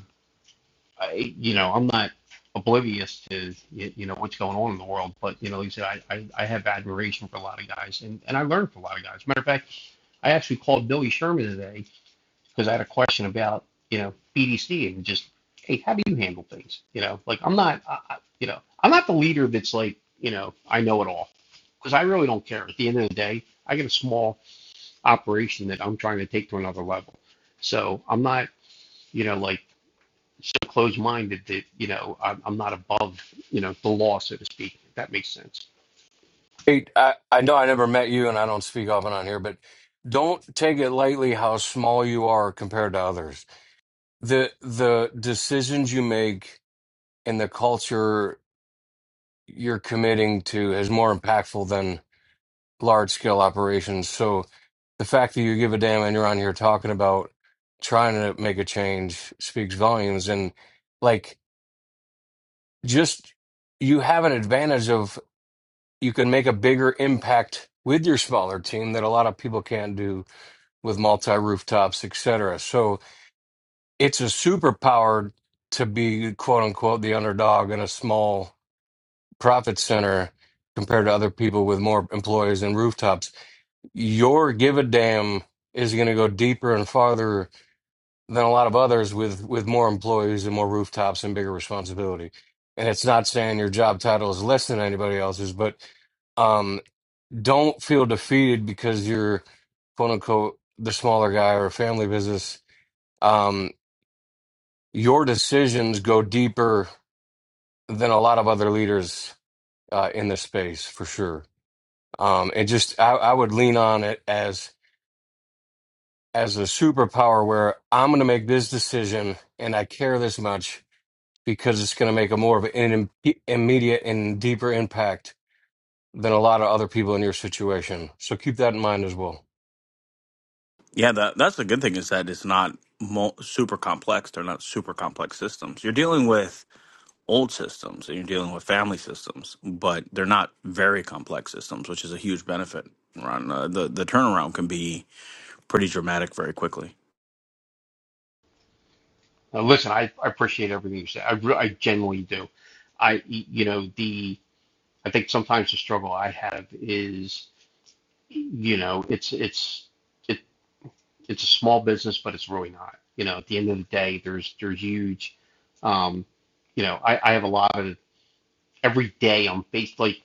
J: I you know I'm not oblivious to you know what's going on in the world but you know like I said I, I i have admiration for a lot of guys and and i learned from a lot of guys matter of fact i actually called billy sherman today because I had a question about you know BDC and just hey, how do you handle things? You know, like I'm not, I, I- you know, I'm not the leader that's like you know I know it all because I really don't care. At the end of the day, I get a small operation that I'm trying to take to another level, so I'm not you know like so closed-minded that you know I'm, I'm not above you know the law so to speak. If that makes sense.
M: Hey, I, I know I never met you and I don't speak often on here, but don't take it lightly how small you are compared to others. The the decisions you make and the culture you're committing to is more impactful than large scale operations. So the fact that you give a damn and you're on here talking about trying to make a change speaks volumes and like just you have an advantage of you can make a bigger impact with your smaller team that a lot of people can't do with multi rooftops, etc. So it's a superpower to be quote unquote the underdog in a small profit center compared to other people with more employees and rooftops. Your give a damn is going to go deeper and farther than a lot of others with with more employees and more rooftops and bigger responsibility. And it's not saying your job title is less than anybody else's, but um, don't feel defeated because you're quote unquote the smaller guy or a family business Um, your decisions go deeper than a lot of other leaders uh, in this space, for sure. Um, and just I, I would lean on it as as a superpower, where I'm going to make this decision, and I care this much because it's going to make a more of an im- immediate and deeper impact than a lot of other people in your situation. So keep that in mind as well.
L: Yeah, that, that's the good thing is that it's not mo- super complex. They're not super complex systems. You're dealing with old systems and you're dealing with family systems, but they're not very complex systems, which is a huge benefit. Ron, uh, the the turnaround can be pretty dramatic very quickly.
J: Now, listen, I, I appreciate everything you said. I, re- I genuinely do. I you know the I think sometimes the struggle I have is you know, it's it's it, it's a small business, but it's really not. You know, at the end of the day, there's there's huge. Um, you know, I, I have a lot of every day I'm based like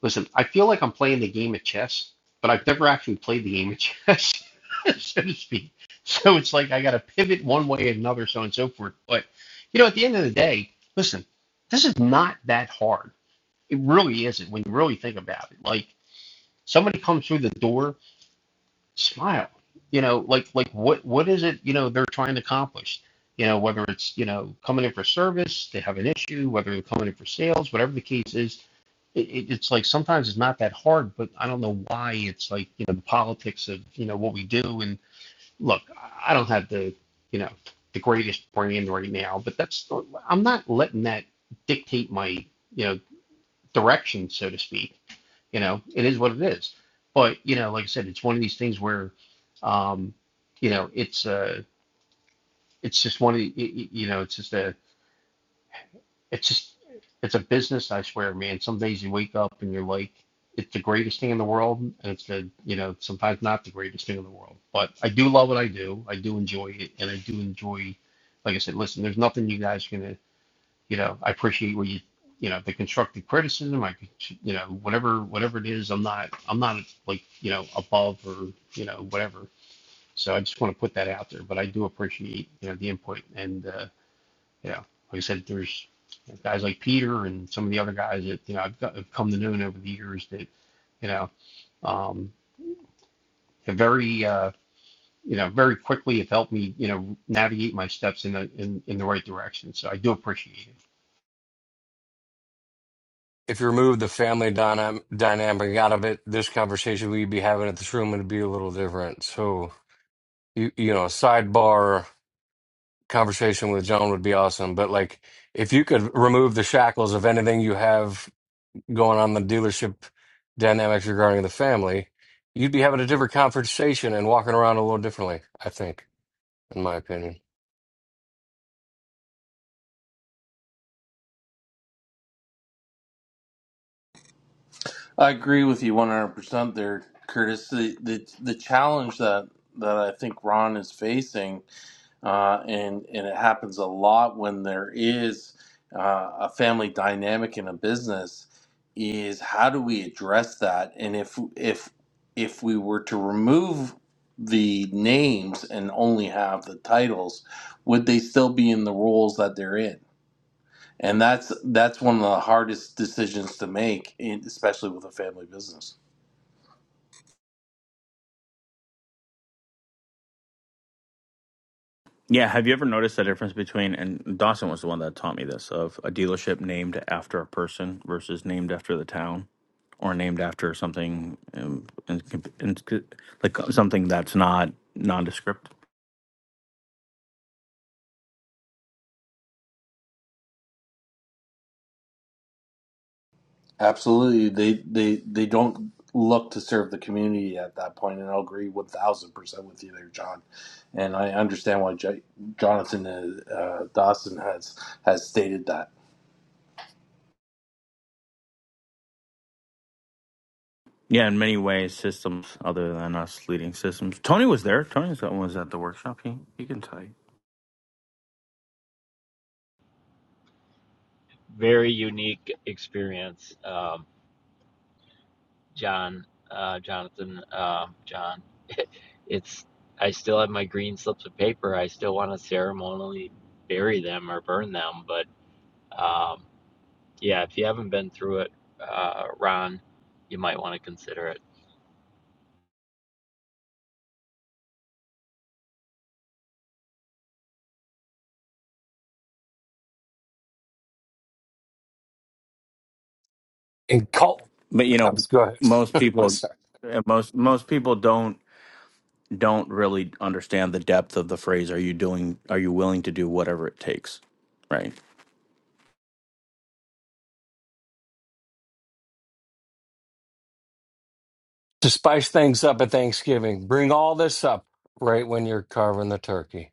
J: listen, I feel like I'm playing the game of chess, but I've never actually played the game of chess, so to speak. So it's like I got to pivot one way or another, so on and so forth. But you know, at the end of the day, listen, this is not that hard. It really isn't when you really think about it. Like somebody comes through the door smile you know like like what what is it you know they're trying to accomplish you know whether it's you know coming in for service they have an issue whether they're coming in for sales whatever the case is it, it, it's like sometimes it's not that hard but i don't know why it's like you know the politics of you know what we do and look i don't have the you know the greatest brand right now but that's i'm not letting that dictate my you know direction so to speak you know, it is what it is. But you know, like I said, it's one of these things where, um, you know, it's uh, it's just one of the, y- you know, it's just a, it's just, it's a business. I swear, man. Some days you wake up and you're like, it's the greatest thing in the world, and it's the, you know, sometimes not the greatest thing in the world. But I do love what I do. I do enjoy it, and I do enjoy, like I said, listen, there's nothing you guys can you know, I appreciate where you, you know, the constructive criticism. I, you know, whatever, whatever it is, I'm not, I'm not like, you know, above or, you know, whatever. So I just want to put that out there. But I do appreciate, you know, the input and, uh, you know, like I said, there's guys like Peter and some of the other guys that, you know, I've, got, I've come to know over the years that, you know, um, have very, uh, you know, very quickly have helped me, you know, navigate my steps in the in, in the right direction. So I do appreciate it.
M: If you remove the family dynam- dynamic out of it, this conversation we'd be having at this room would be a little different. So you you know a sidebar conversation with John would be awesome. But like, if you could remove the shackles of anything you have going on in the dealership dynamics regarding the family, you'd be having a different conversation and walking around a little differently. I think, in my opinion.
A: I agree with you 100% there, Curtis. The, the, the challenge that, that I think Ron is facing, uh, and, and it happens a lot when there is uh, a family dynamic in a business, is how do we address that? And if, if, if we were to remove the names and only have the titles, would they still be in the roles that they're in? And that's that's one of the hardest decisions to make, in, especially with a family business.
L: Yeah, have you ever noticed the difference between and Dawson was the one that taught me this of a dealership named after a person versus named after the town? or named after something um, in, in, like something that's not nondescript.
A: Absolutely. They they they don't look to serve the community at that point, and I'll agree one thousand percent with you there, John. And I understand why J- Jonathan uh, uh, Dawson has has stated that.
L: Yeah, in many ways, systems other than us leading systems. Tony was there. Tony was was at the workshop. He he can tell you.
N: very unique experience, um, John, uh, Jonathan, um, John. It's I still have my green slips of paper. I still want to ceremonially bury them or burn them. But um, yeah, if you haven't been through it, uh, Ron, you might want to consider it.
M: And call.
L: But you know,
M: Let's go
L: most
M: ahead.
L: people,
M: Sorry.
L: uh, most most people don't don't really understand the depth of the phrase. Are you doing? Are you willing to do whatever it takes? Right
M: To spice things up at Thanksgiving, bring all this up right when you're carving the turkey.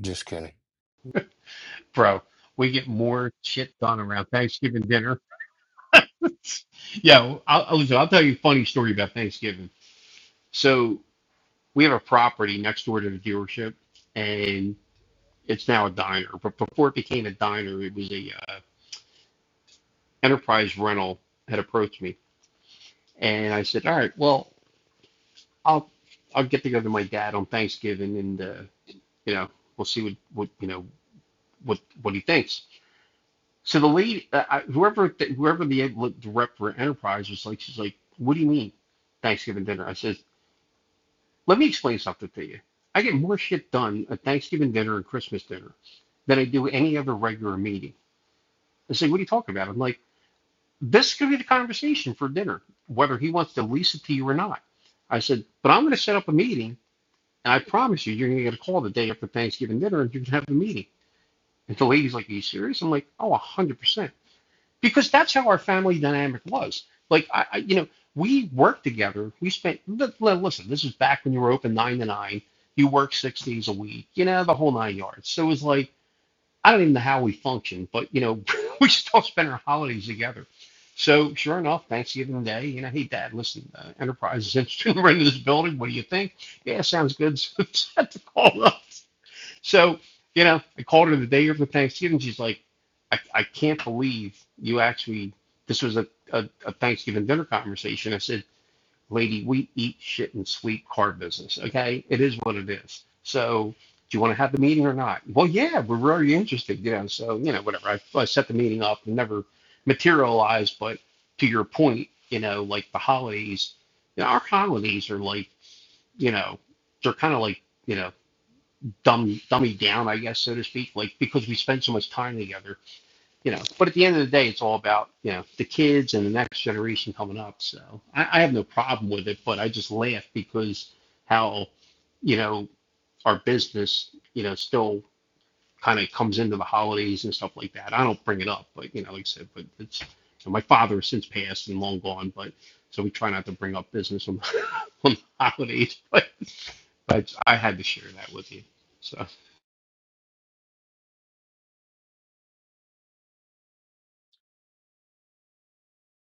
M: Just kidding.
J: bro. We get more shit done around Thanksgiving dinner. Yeah, I'll, I'll, listen, I'll tell you a funny story about Thanksgiving. So we have a property next door to the dealership, and it's now a diner. But before it became a diner, it was a uh, enterprise rental had approached me, and I said, "All right, well, I'll I'll get together with my dad on Thanksgiving, and uh, you know, we'll see what what you know what what he thinks." So the lady, uh, whoever th whoever the rep for Enterprise was like, she's like, "What do you mean Thanksgiving dinner?" I says, "Let me explain something to you. I get more shit done at Thanksgiving dinner and Christmas dinner than I do any other regular meeting." I say, "What are you talking about?" I'm like, "This could be the conversation for dinner, whether he wants to lease it to you or not." I said, "But I'm going to set up a meeting, and I promise you, you're going to get a call the day after Thanksgiving dinner, and you are going to have the meeting." And the lady's like, "Are you serious?" I'm like, "Oh, one hundred percent." because that's how our family dynamic was. Like I, I you know, we worked together. We spent. Listen, this was back when you were open nine to nine. You worked six days a week. You know the whole nine yards. So it was like I don't even know how we functioned, but you know, we still spent our holidays together. So sure enough, Thanksgiving Day, you know, hey Dad, listen, uh, Enterprise is interested in renting this building. What do you think? Yeah, sounds good. So set the call up so, you know, I called her the day after Thanksgiving. She's like, I, I can't believe you actually, this was a, a, a Thanksgiving dinner conversation. I said, lady, we eat shit and sleep car business. Okay. It is what it is. So do you want to have the meeting or not? Well, yeah, we're very interested, you know, so, you know, whatever. I, I set the meeting up and never materialized. But to your point, you know, like the holidays, you know, our holidays are like, you know, they're kind of like, you know, dumb dummy down, I guess, so to speak, like because we spend so much time together, you know. But at the end of the day, it's all about you know the kids and the next generation coming up. So I, I have no problem with it, but I just laugh because how you know our business, you know, still kind of comes into the holidays and stuff like that. I don't bring it up, but you know, like I said, but it's you know, my father has since passed and long gone, but so we try not to bring up business on, on the holidays. But I, I had to share that with you. so.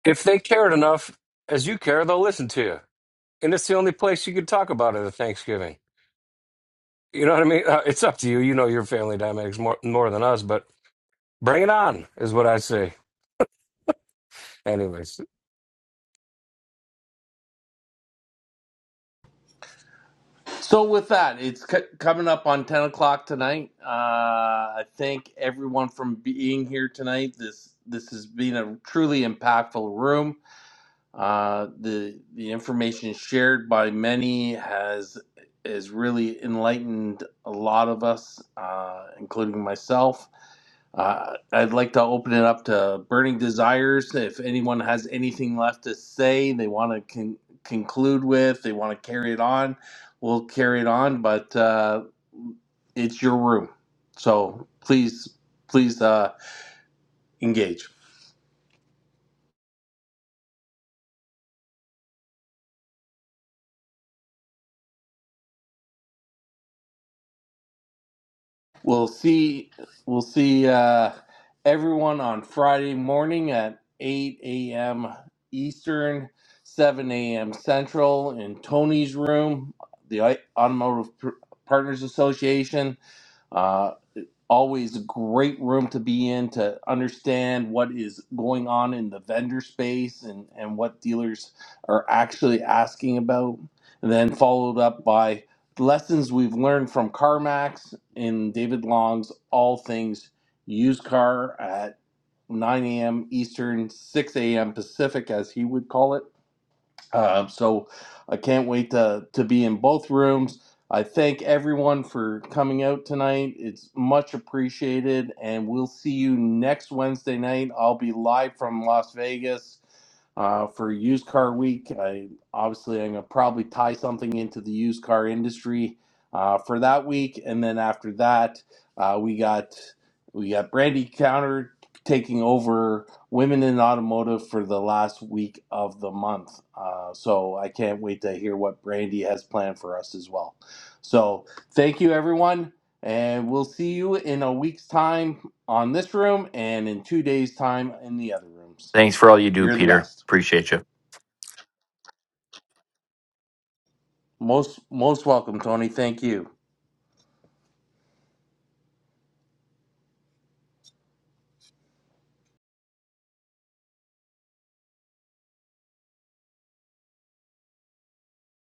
M: If they cared enough as you care, they'll listen to you. And it's the only place you could talk about it at Thanksgiving. You know what I mean? Uh, it's up to you. You know your family dynamics more more than us, but bring it on is what I say. Anyways,
A: So with that, it's c- coming up on ten o'clock tonight. Uh, I thank everyone from being here tonight. This this has been a truly impactful room. Uh, the the information shared by many has has really enlightened a lot of us, uh, including myself. Uh, I'd like to open it up to burning desires. If anyone has anything left to say, they want to con- conclude with, they want to carry it on, we'll carry it on. But uh, it's your room, so please, please uh, engage. We'll see. We'll see uh, everyone on Friday morning at 8 a.m. Eastern, 7 a.m. Central in Tony's room, the Automotive Partners Association. Uh, always a great room to be in to understand what is going on in the vendor space and, and what dealers are actually asking about. And then followed up by lessons we've learned from CarMax in David Long's All Things Used Car at 9 a.m. Eastern, 6 a.m. Pacific, as he would call it um, so I can't wait to, to be in both rooms. I thank everyone for coming out tonight. It's much appreciated. And we'll see you next Wednesday night. I'll be live from Las Vegas uh, for used car week. I obviously I'm gonna probably tie something into the used car industry uh, for that week, and then after that, uh, we got we got Brandy Counter taking over women in automotive for the last week of the month. Uh, so I can't wait to hear what Brandy has planned for us as well. So thank you, everyone. And we'll see you in a week's time on this room and in two days' time in the other rooms.
N: Thanks for all you do,
A: You're the
N: Peter.
A: best.
N: Appreciate you.
A: Most most welcome, Tony. Thank you.